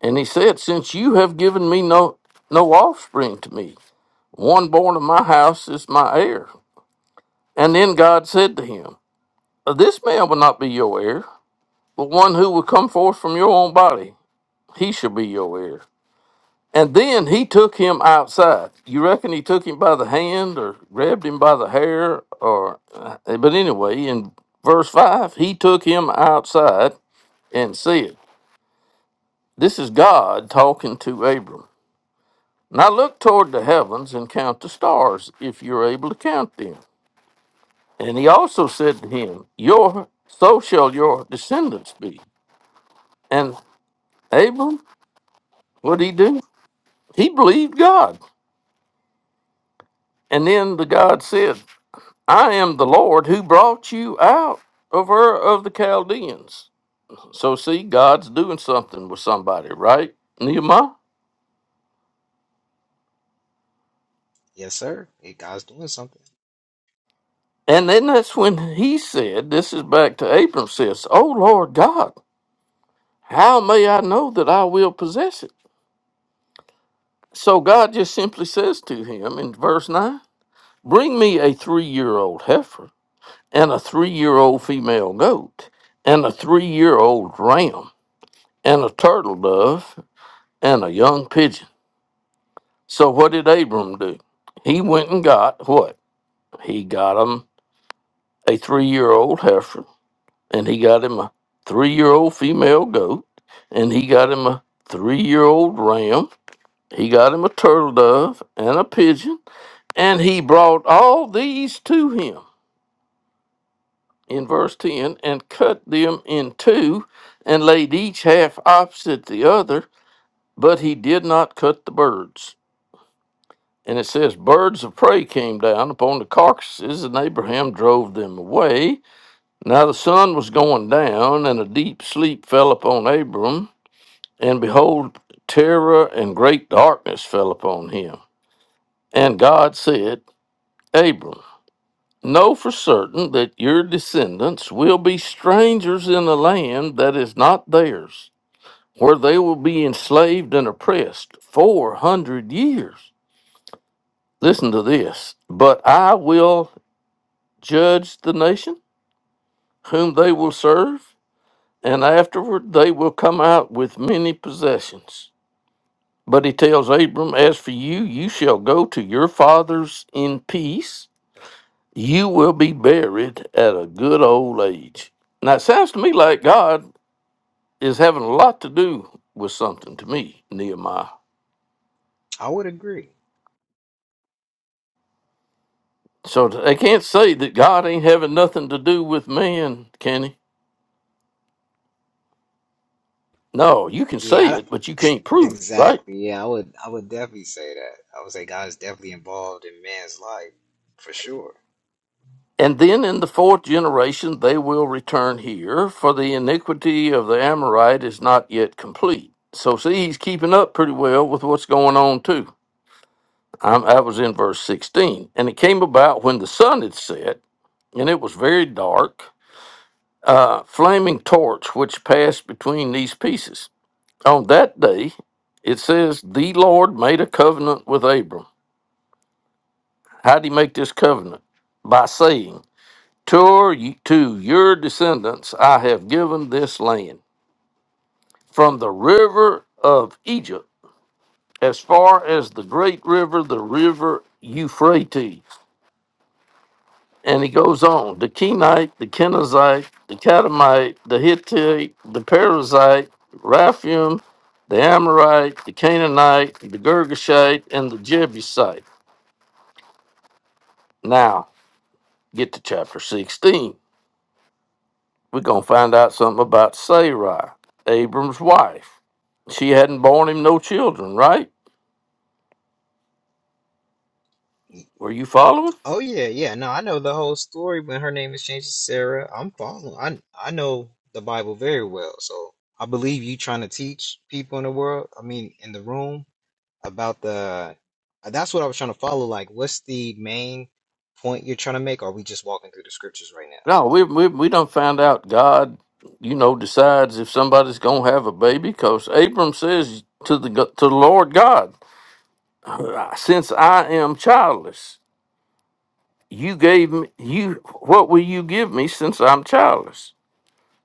S3: And he said, Since you have given me no no offspring to me, one born of my house is my heir. And then God said to him, This man will not be your heir, but one who will come forth from your own body, he shall be your heir. And then he took him outside. You reckon he took him by the hand or grabbed him by the hair or uh, but anyway, in verse 5, he took him outside and said, This is God talking to Abram. Now look toward the heavens and count the stars, if you're able to count them. And he also said to him, Your so shall your descendants be. And Abram, what did he do? He believed God. And then the God said, I am the Lord who brought you out of Ur of the Chaldeans. So see, God's doing something with somebody, right? Nehemiah?
S6: Yes, sir. God's doing something.
S3: And then that's when he said, This is back to Abram says, Oh Lord God, how may I know that I will possess it? So God just simply says to him in verse 9, Bring me a three year old heifer, and a three year old female goat, and a three year old ram, and a turtle dove, and a young pigeon. So what did Abram do? He went and got what? He got him a three year old heifer, and he got him a three year old female goat, and he got him a three year old ram, he got him a turtle dove, and a pigeon And he brought all these to him in verse 10 and cut them in two and laid each half opposite the other, but he did not cut the birds. And it says, Birds of prey came down upon the carcasses, and Abraham drove them away. Now the sun was going down, and a deep sleep fell upon Abram. And behold, terror and great darkness fell upon him. And God said, Abram, Know for certain that your descendants will be strangers in a land that is not theirs, where they will be enslaved and oppressed 400 years. Listen to this. But I will judge the nation whom they will serve, and afterward they will come out with many possessions. But he tells Abram, As for you, you shall go to your fathers in peace You will be buried at a good old age. Now, it sounds to me like God is having a lot to do with something to me, Nehemiah.
S6: I would agree.
S3: So they can't say that God ain't having nothing to do with man, can he? No, you can say
S6: Yeah,
S3: it, but you can't prove it, right?
S6: Exactly. Yeah, I would I would definitely say that. I would say God is definitely involved in man's life for sure.
S3: And then in the fourth generation, they will return here, for the iniquity of the Amorite is not yet complete. So, see, he's keeping up pretty well with what's going on, too. I'm, I was in verse 16. And it came about when the sun had set, and it was very dark, A flaming torch which passed between these pieces. On that day, it says, The Lord made a covenant with Abram. How did he make this covenant? By saying, to, y- to your descendants I have given this land, from the river of Egypt as far as the great river, the river Euphrates. And he goes on the Kenite, the Kenizzite, the Catamite, the Hittite, the Perizzite, Raphaim, the Amorite, the Canaanite, the Girgashite, and the Jebusite. Now, get to chapter 16. We're going to find out something about Sarai, Abram's wife. She hadn't borne him no children, right? Were you following?
S6: Oh yeah, yeah. No, I know the whole story when her name is changed to Sarah. I'm following. I I know the Bible very well. So I believe you trying to teach people in the world, I mean in the room about the uh, that's what I was trying to follow. Like what's the main point you're trying to make? Or are we just walking through the scriptures right now?
S3: No, we we we done found out God, you know, decides if somebody's gonna have a baby because Abram says to the go- to the Lord God, since I am childless, you gave me you what will you give me since I'm childless?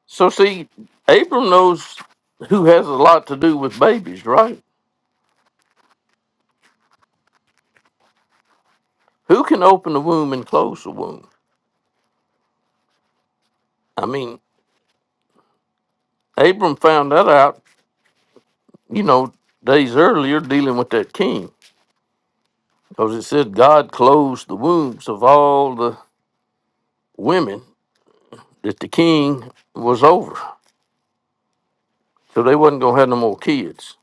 S3: So see, Abram knows who has a lot to do with babies, right? Who can open the womb and close the womb? I mean, Abram found that out, you know, days earlier dealing with that king. Because it said God closed the wombs of all the women that the king was over. So they wasn't going to have no more kids.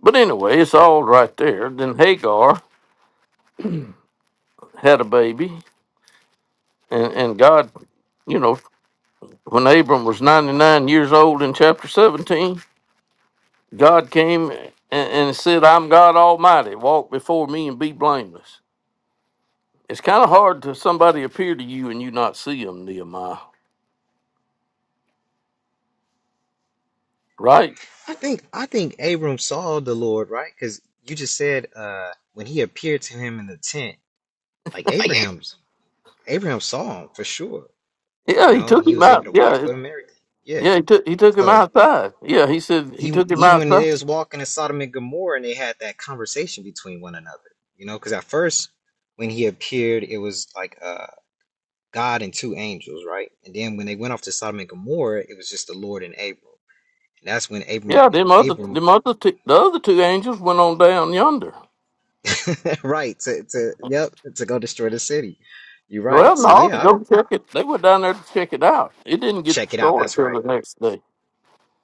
S3: But anyway, it's all right there. Then Hagar had a baby. And, and God, you know, when Abram was 99 years old in chapter 17, God came and, and said, I'm God Almighty. Walk before me and be blameless. It's kind of hard to somebody appear to you and you not see him, Nehemiah, right?
S6: I think I think Abram saw the Lord, right? Because you just said uh when he appeared to him in the tent, like Abraham's Abraham saw him for sure, you
S3: Yeah, he
S6: know, and
S3: took
S6: he
S3: him
S6: was able
S3: out.
S6: to
S3: Yeah,
S6: walk with him and everything. Yeah.
S3: Yeah, he took he took him
S6: So
S3: outside. Yeah, he said he
S6: even
S3: took him
S6: even when
S3: outside.
S6: they was walking in Sodom and Gomorrah and they had that conversation between one another, you know, because at first when he appeared, it was like uh God and two angels, right? And then when they went off to Sodom and Gomorrah, it was just the Lord and Abram. And that's when Abram
S3: Yeah, them other
S6: Abram
S3: them other two, the other two angels went on down yonder.
S6: right. To, to yep, to go destroy the city. You're
S3: Well,
S6: right. So
S3: no, to
S6: yeah,
S3: go
S6: I'll
S3: check it. They went down there to check it out. It didn't get
S6: check it out.
S3: destroyed
S6: That's
S3: till
S6: right.
S3: the next day.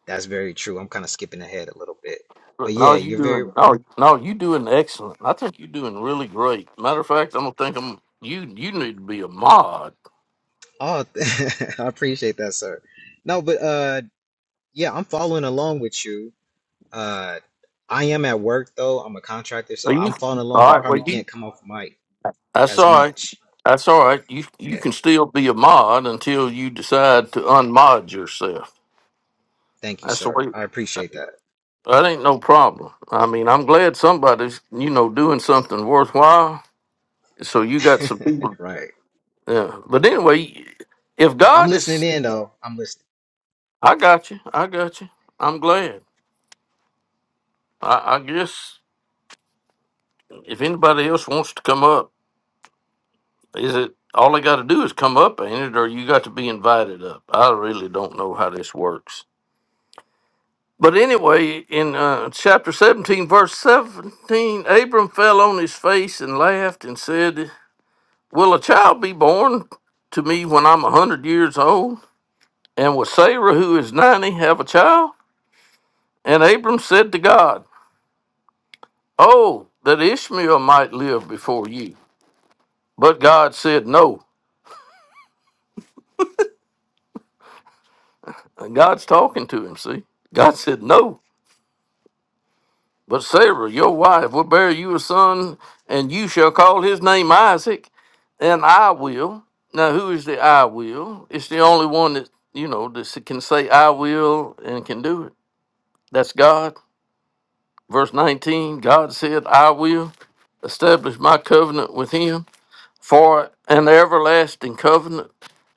S6: That's very true. I'm kind of skipping ahead a little bit. But
S3: But no,
S6: yeah,
S3: you
S6: you're very
S3: doing no no you doing excellent. I think you're doing really great. Matter of fact, I'm gonna think I'm you you need to be a mod.
S6: oh I appreciate that, sir. No, but uh yeah, I'm following along with you. Uh I am at work though. I'm a contractor,
S3: Are
S6: so
S3: you
S6: I'm following along. I
S3: all right? Well,
S6: probably
S3: you
S6: can't come off mic
S3: that's
S6: as
S3: all right.
S6: much.
S3: That's all right. You you
S6: Yeah.
S3: can still be a mod until you decide to unmod yourself.
S6: Thank you,
S3: That's the
S6: sir.
S3: way.
S6: I appreciate that.
S3: That ain't no problem. I mean, I'm glad somebody's, you know, doing something worthwhile. So you got some people.
S6: right.
S3: Yeah. But anyway, if
S6: I'm
S3: God
S6: listening
S3: is,
S6: in though. I'm listening.
S3: I got you. I got you. I'm glad. I, I guess if anybody else wants to come up, is it all they got to do is come up, ain't it? Or you got to be invited up. I really don't know how this works. But anyway, in uh, chapter 17, verse 17, Abram fell on his face and laughed and said, Will a child be born to me when I'm a hundred years old? And will Sarah, who is ninety, have a child? And Abram said to God, Oh, that Ishmael might live before you. But God said no. And God's talking to him, see? God said no. But Sarah, your wife, will bear you a son, and you shall call his name Isaac, and I will. Now, who is the I will? It's the only one that, you know, that can say I will and can do it. That's God. Verse 19 God said, I will establish my covenant with him for an everlasting covenant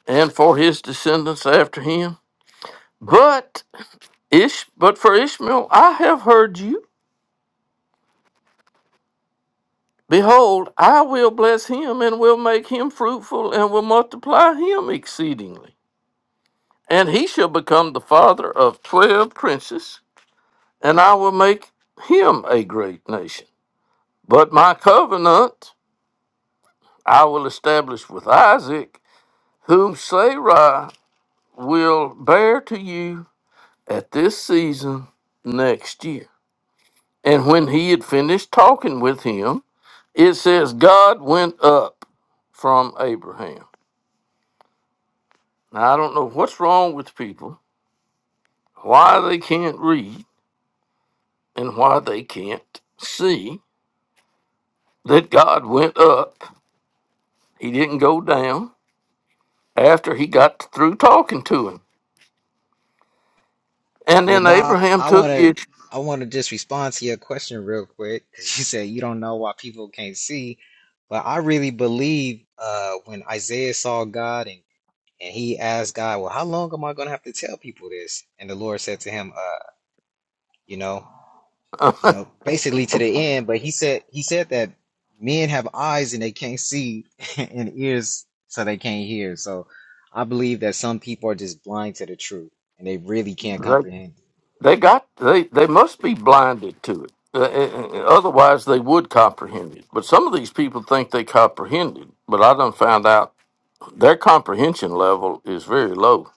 S3: and for his descendants after him. But Ish, but for Ishmael, I have heard you. Behold, I will bless him and will make him fruitful and will multiply him exceedingly. And he shall become the father of twelve princes, and I will make him a great nation. But my covenant I will establish with Isaac whom Sarai will bear to you at this season next year. And when he had finished talking with him, it says, God went up from Abraham. Now, I don't know what's wrong with people, why they can't read, and why they can't see that God went up. He didn't go down after he got through talking to him. And
S6: Well,
S3: then
S6: Bob,
S3: Abraham
S6: I want
S3: took
S6: to
S3: Ishmael.
S6: I want to just respond to your question real quick because you said you don't know why people can't see, but I really believe uh, when Isaiah saw God and and he asked God, "Well, how long am I going to have to tell people this?" And the Lord said to him, uh, "You know, you know, basically to the end." But he said he said that men have eyes and they can't see, and ears so they can't hear. So I believe that some people are just blind to the truth and they really can't comprehend. it.
S3: They got they they must be blinded to it. Uh, uh, uh, otherwise, they would comprehend it. But some of these people think they comprehend it. But I done found out their comprehension level is very low.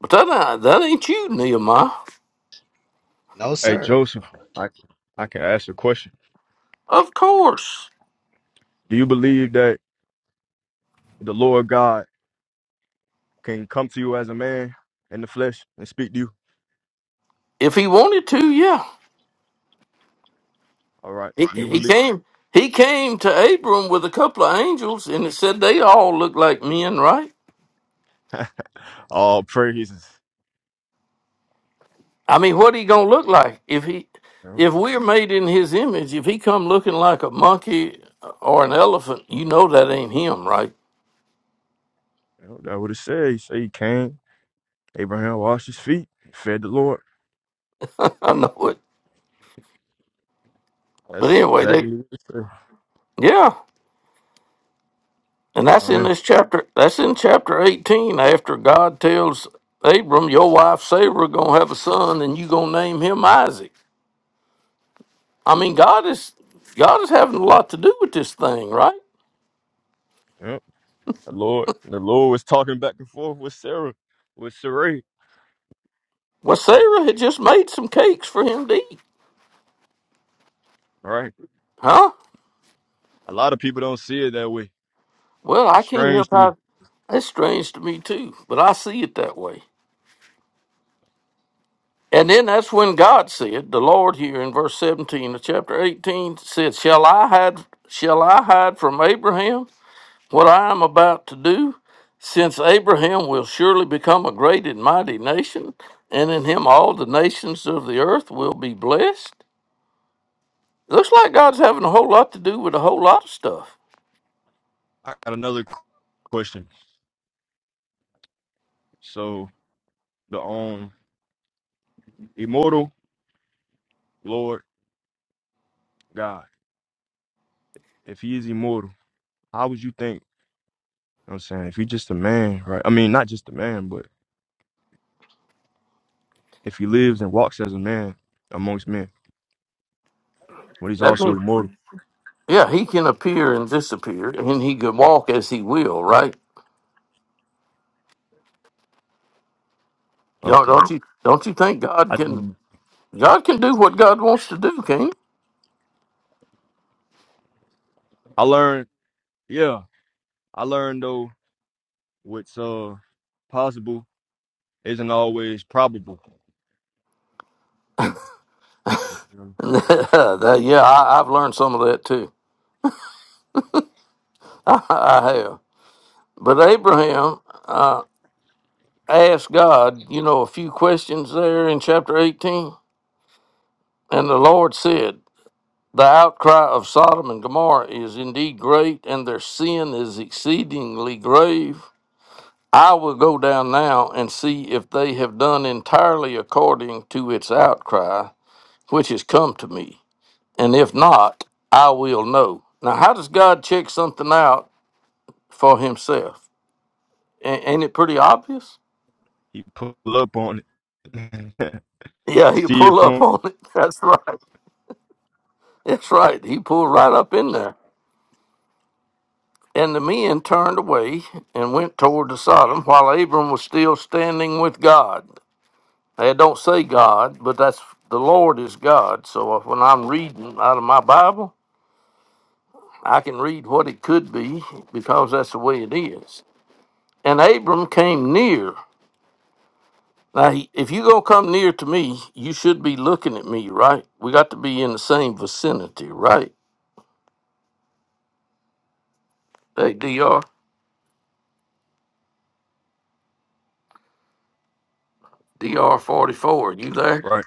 S3: But that ain't- that ain't you, Nehemiah.
S6: No,
S7: Hey
S6: sir.
S7: Joseph, I I can ask you a question.
S3: Of course,
S7: Do you believe that the Lord God can come to you as a man in the flesh and speak to you?
S3: if he wanted to, yeah,
S7: All right.
S3: he,
S7: Do you
S3: he
S7: believe?
S3: came. He came to Abram with a couple of angels, and it said they all looked like men, right?
S7: All praises.
S3: I mean, what he gonna look like if he,
S7: You know,
S3: if we're made in his image? If he come looking like a monkey or an elephant, you know that ain't him, right?
S7: you know, That what it said. He said he came. Abraham washed his feet, fed the Lord.
S3: I know it. But
S7: That's
S3: anyway, they,
S7: exactly what it said.
S3: yeah, and that's in
S7: Amen.
S3: this chapter. That's in chapter eighteen. After God tells Abram, your wife Sarah gonna have a son, and you gonna name him Isaac. I mean, God is God is having a lot to do with this thing, right?
S7: Yep. The Lord, the Lord was talking back and forth with Sarah, with Sarai.
S3: Well, Sarah had just made some cakes for him to eat,
S7: All right.
S3: huh?
S7: A lot of people don't see it that way.
S3: Well, I
S7: It's
S3: can't
S7: strange
S3: help
S7: to me.
S3: how that's strange to me too, but I see it that way. And then that's when God said, the Lord here in verse 17 of chapter 18 said, Shall I hide shall I hide from Abraham what I am about to do? Since Abraham will surely become a great and mighty nation, and in him all the nations of the earth will be blessed. Looks like God's having a whole lot to do with a whole lot of stuff.
S7: I got another question. So the um Immortal, Lord God. If he is immortal, how would you think? You know what I'm saying? If he's just a man, right? I mean, not just a man, but if he lives and walks as a man amongst men, but he's
S3: That
S7: also
S3: means,
S7: immortal.
S3: yeah, he can appear and disappear, and he can walk as he will, right? Y'all
S7: Okay.
S3: don't you don't you think God
S7: I
S3: can God can do what God wants to do, can he?
S7: I learned, yeah. I learned though what's uh possible isn't always probable. You know?
S3: And that, yeah, I, I've learned some of that too. I, have. But Abraham uh, asked God, you know, a few questions there in chapter eighteen, and the Lord said, "The outcry of Sodom and Gomorrah is indeed great, and their sin is exceedingly grave." I will go down now and see if they have done entirely according to its outcry, which has come to me. And if not, I will know. Now, how does God check something out for himself? A- ain't it pretty obvious?
S7: He pull up on it.
S3: Yeah, he
S7: See it
S3: pulled up
S7: from
S3: on it. That's right. That's right. He pulled right up in there. And the men turned away and went toward the Sodom while Abram was still standing with God. They don't say God, but that's the Lord is God. So uh, when I'm reading out of my Bible, I can read what it could be because that's the way it is. And Abram came near Now, he- if you gonna come near to me, you should be looking at me, right? We got to be in the same vicinity, right? Hey, Dr. Dr. Forty Four, you there?
S7: right.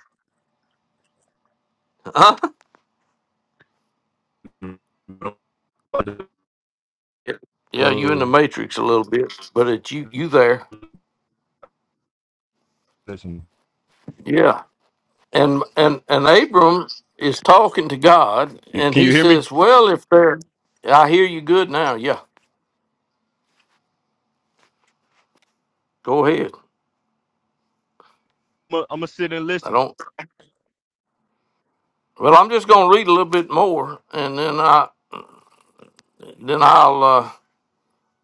S3: Huh? Yeah, Yeah, you in
S7: Uh,
S3: the matrix a little bit, but it's you. You there?
S7: listen.
S3: Yeah. And and and Abram is talking to God,
S7: You-
S3: and
S7: Can you
S3: he
S7: hear me?
S3: says, "Well, if they're, I hear you good now. Yeah, go ahead.
S7: I'm gonna sit and
S3: I
S7: listen.
S3: don't. Well, I'm just gonna read a little bit more, and then I then I'll." Uh,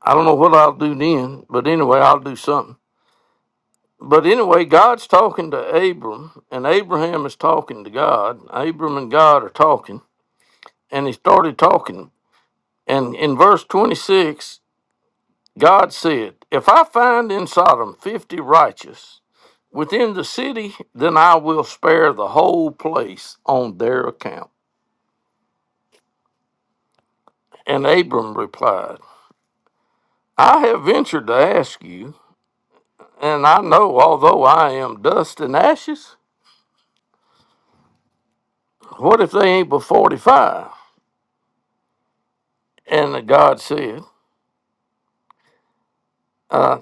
S3: I don't know what I'll do then, but anyway, I'll do something. But anyway, God's talking to Abram, and Abraham is talking to God. Abram and God are talking, and he started talking. And in verse 26, God said, If I find in Sodom 50 righteous within the city, then I will spare the whole place on their account. And Abram replied, I have ventured to ask you, and I know, although I am dust and ashes, What if they ain't but 45? And God said, uh,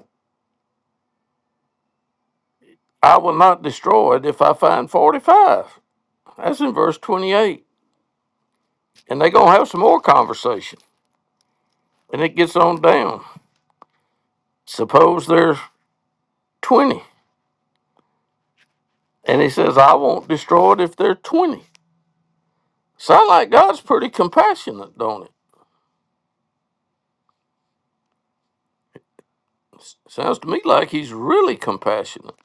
S3: I will not destroy it if I find 45. That's in verse 28. And they going to have some more conversation. And it gets on down. Suppose there's 20. And he says, I won't destroy it if there's are 20. Sound like God's pretty compassionate, don't it? S- Sounds to me like he's really compassionate.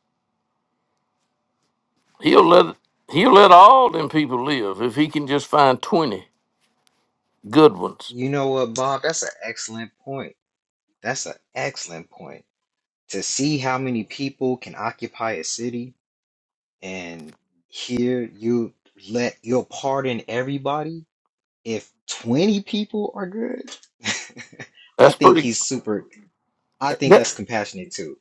S3: He'll let he'll let all them people live if he can just find 20 good ones.
S6: You know what, Bob? That's an excellent point. That's an excellent point. To see how many people can occupy a city and here you let you'll pardon everybody if 20 people are good. I
S3: That's
S6: think
S3: pretty.
S6: he's super I think that's compassionate too.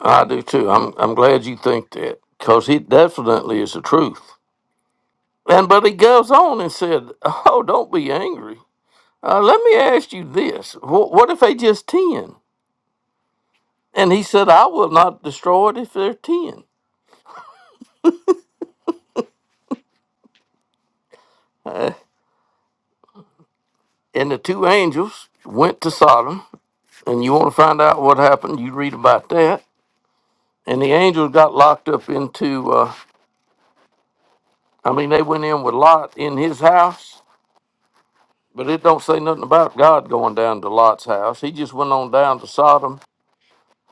S3: I do too. I'm I'm glad you think that because he definitely is the truth. And but he goes on and said, "Oh, don't be angry. Uh, let me ask you this: Wh- What if they just ten?" And he said, "I will not destroy it if they're ten." Uh, and the two angels went to Sodom, and you want to find out what happened? You read about that. And the angels got locked up into. Uh, I mean, they went in with Lot in his house, But it don't say nothing about God going down to Lot's house. He just went on down to Sodom,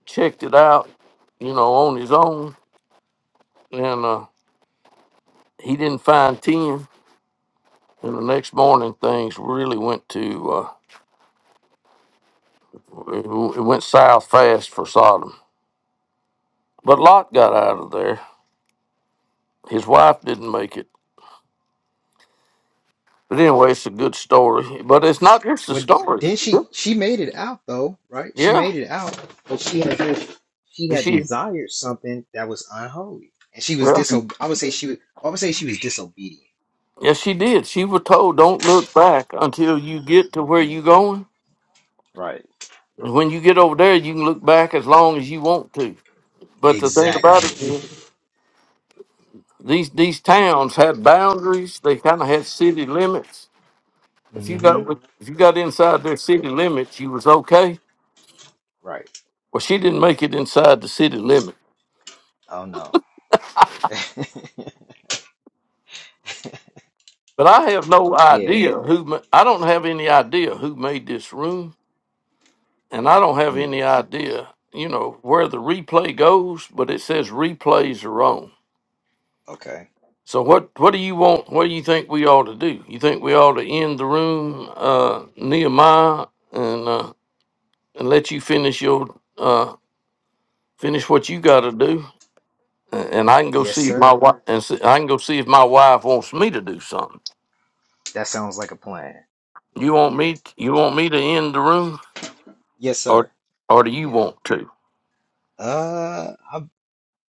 S3: checked it out, you know, on his own, and uh, he didn't find ten. And the next morning, things really went to uh, it w- it went south fast for Sodom. But Lot got out of there. His wife didn't make it. But anyway, it's a good story. But it's not just the
S6: Would
S3: stories.
S6: then she she made it out though, right? She
S3: Yeah,
S6: made it out, but she had this- she had
S3: she.
S6: desired something that was unholy. And she was
S3: Well,
S6: diso I would say she was I would say she was disobedient.
S3: yes, she did. She was told, "Don't look back until you get to where you going."
S6: Right
S3: When you get over there, you can look back as long as you want to. But the thing about it
S6: Exactly.
S3: is, these these towns had boundaries. They kind of had city limits. If you
S6: Mm-hmm.
S3: got with- if you got inside their city limits, you was okay.
S6: Right.
S3: Well, she didn't make it inside the city limit.
S6: Oh no.
S3: But I have no
S6: yeah.
S3: idea who. ma- I don't have any idea who made this room, and I don't have
S6: Mm.
S3: any idea, you know, where the replay goes. But it says replays are on.
S6: Okay.
S3: So what what do you want? What do you think we ought to do? You think we ought to end the room, uh, Nehemiah, and uh, and let you finish your uh, finish what you got to do, a- and I can go
S6: Yes,
S3: see if my
S6: sir.
S3: wife and see, I can go see if my wife wants me to do something.
S6: That sounds like a plan. Yeah.
S3: You want me? You want me to end the room,
S6: Yes,
S3: or
S6: sir.
S3: or do you
S6: Yeah.
S3: want to?
S6: Uh, I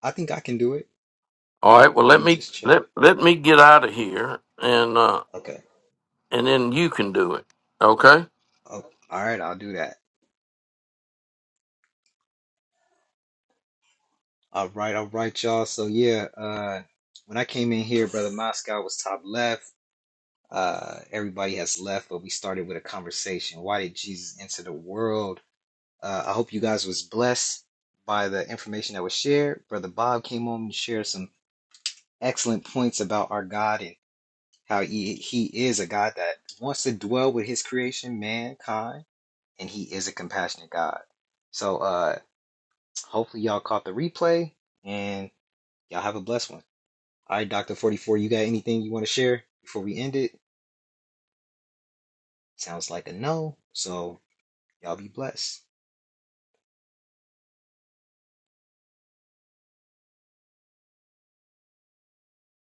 S6: I think I can do it.
S3: All right. Well,
S6: Let
S3: let
S6: me
S3: me
S6: just check.
S3: let let me get out of here, and uh,
S6: Okay.
S3: and then you can do it. Okay.
S6: Oh, all right. I'll do that. All right. All right, y'all. So yeah. Uh, when I came in here, brother Moscow was top left. Uh, everybody has left, but we started with a conversation. Why did Jesus enter the world? Uh, I hope you guys was blessed by the information that was shared. Brother Bob came on and shared some excellent points about our God and how he, he is a God that wants to dwell with his creation, mankind, and he is a compassionate God. So uh, hopefully y'all caught the replay and y'all have a blessed one. All right, Dr. 44, you got anything you want to share before we end it? Sounds like a no. So y'all be blessed.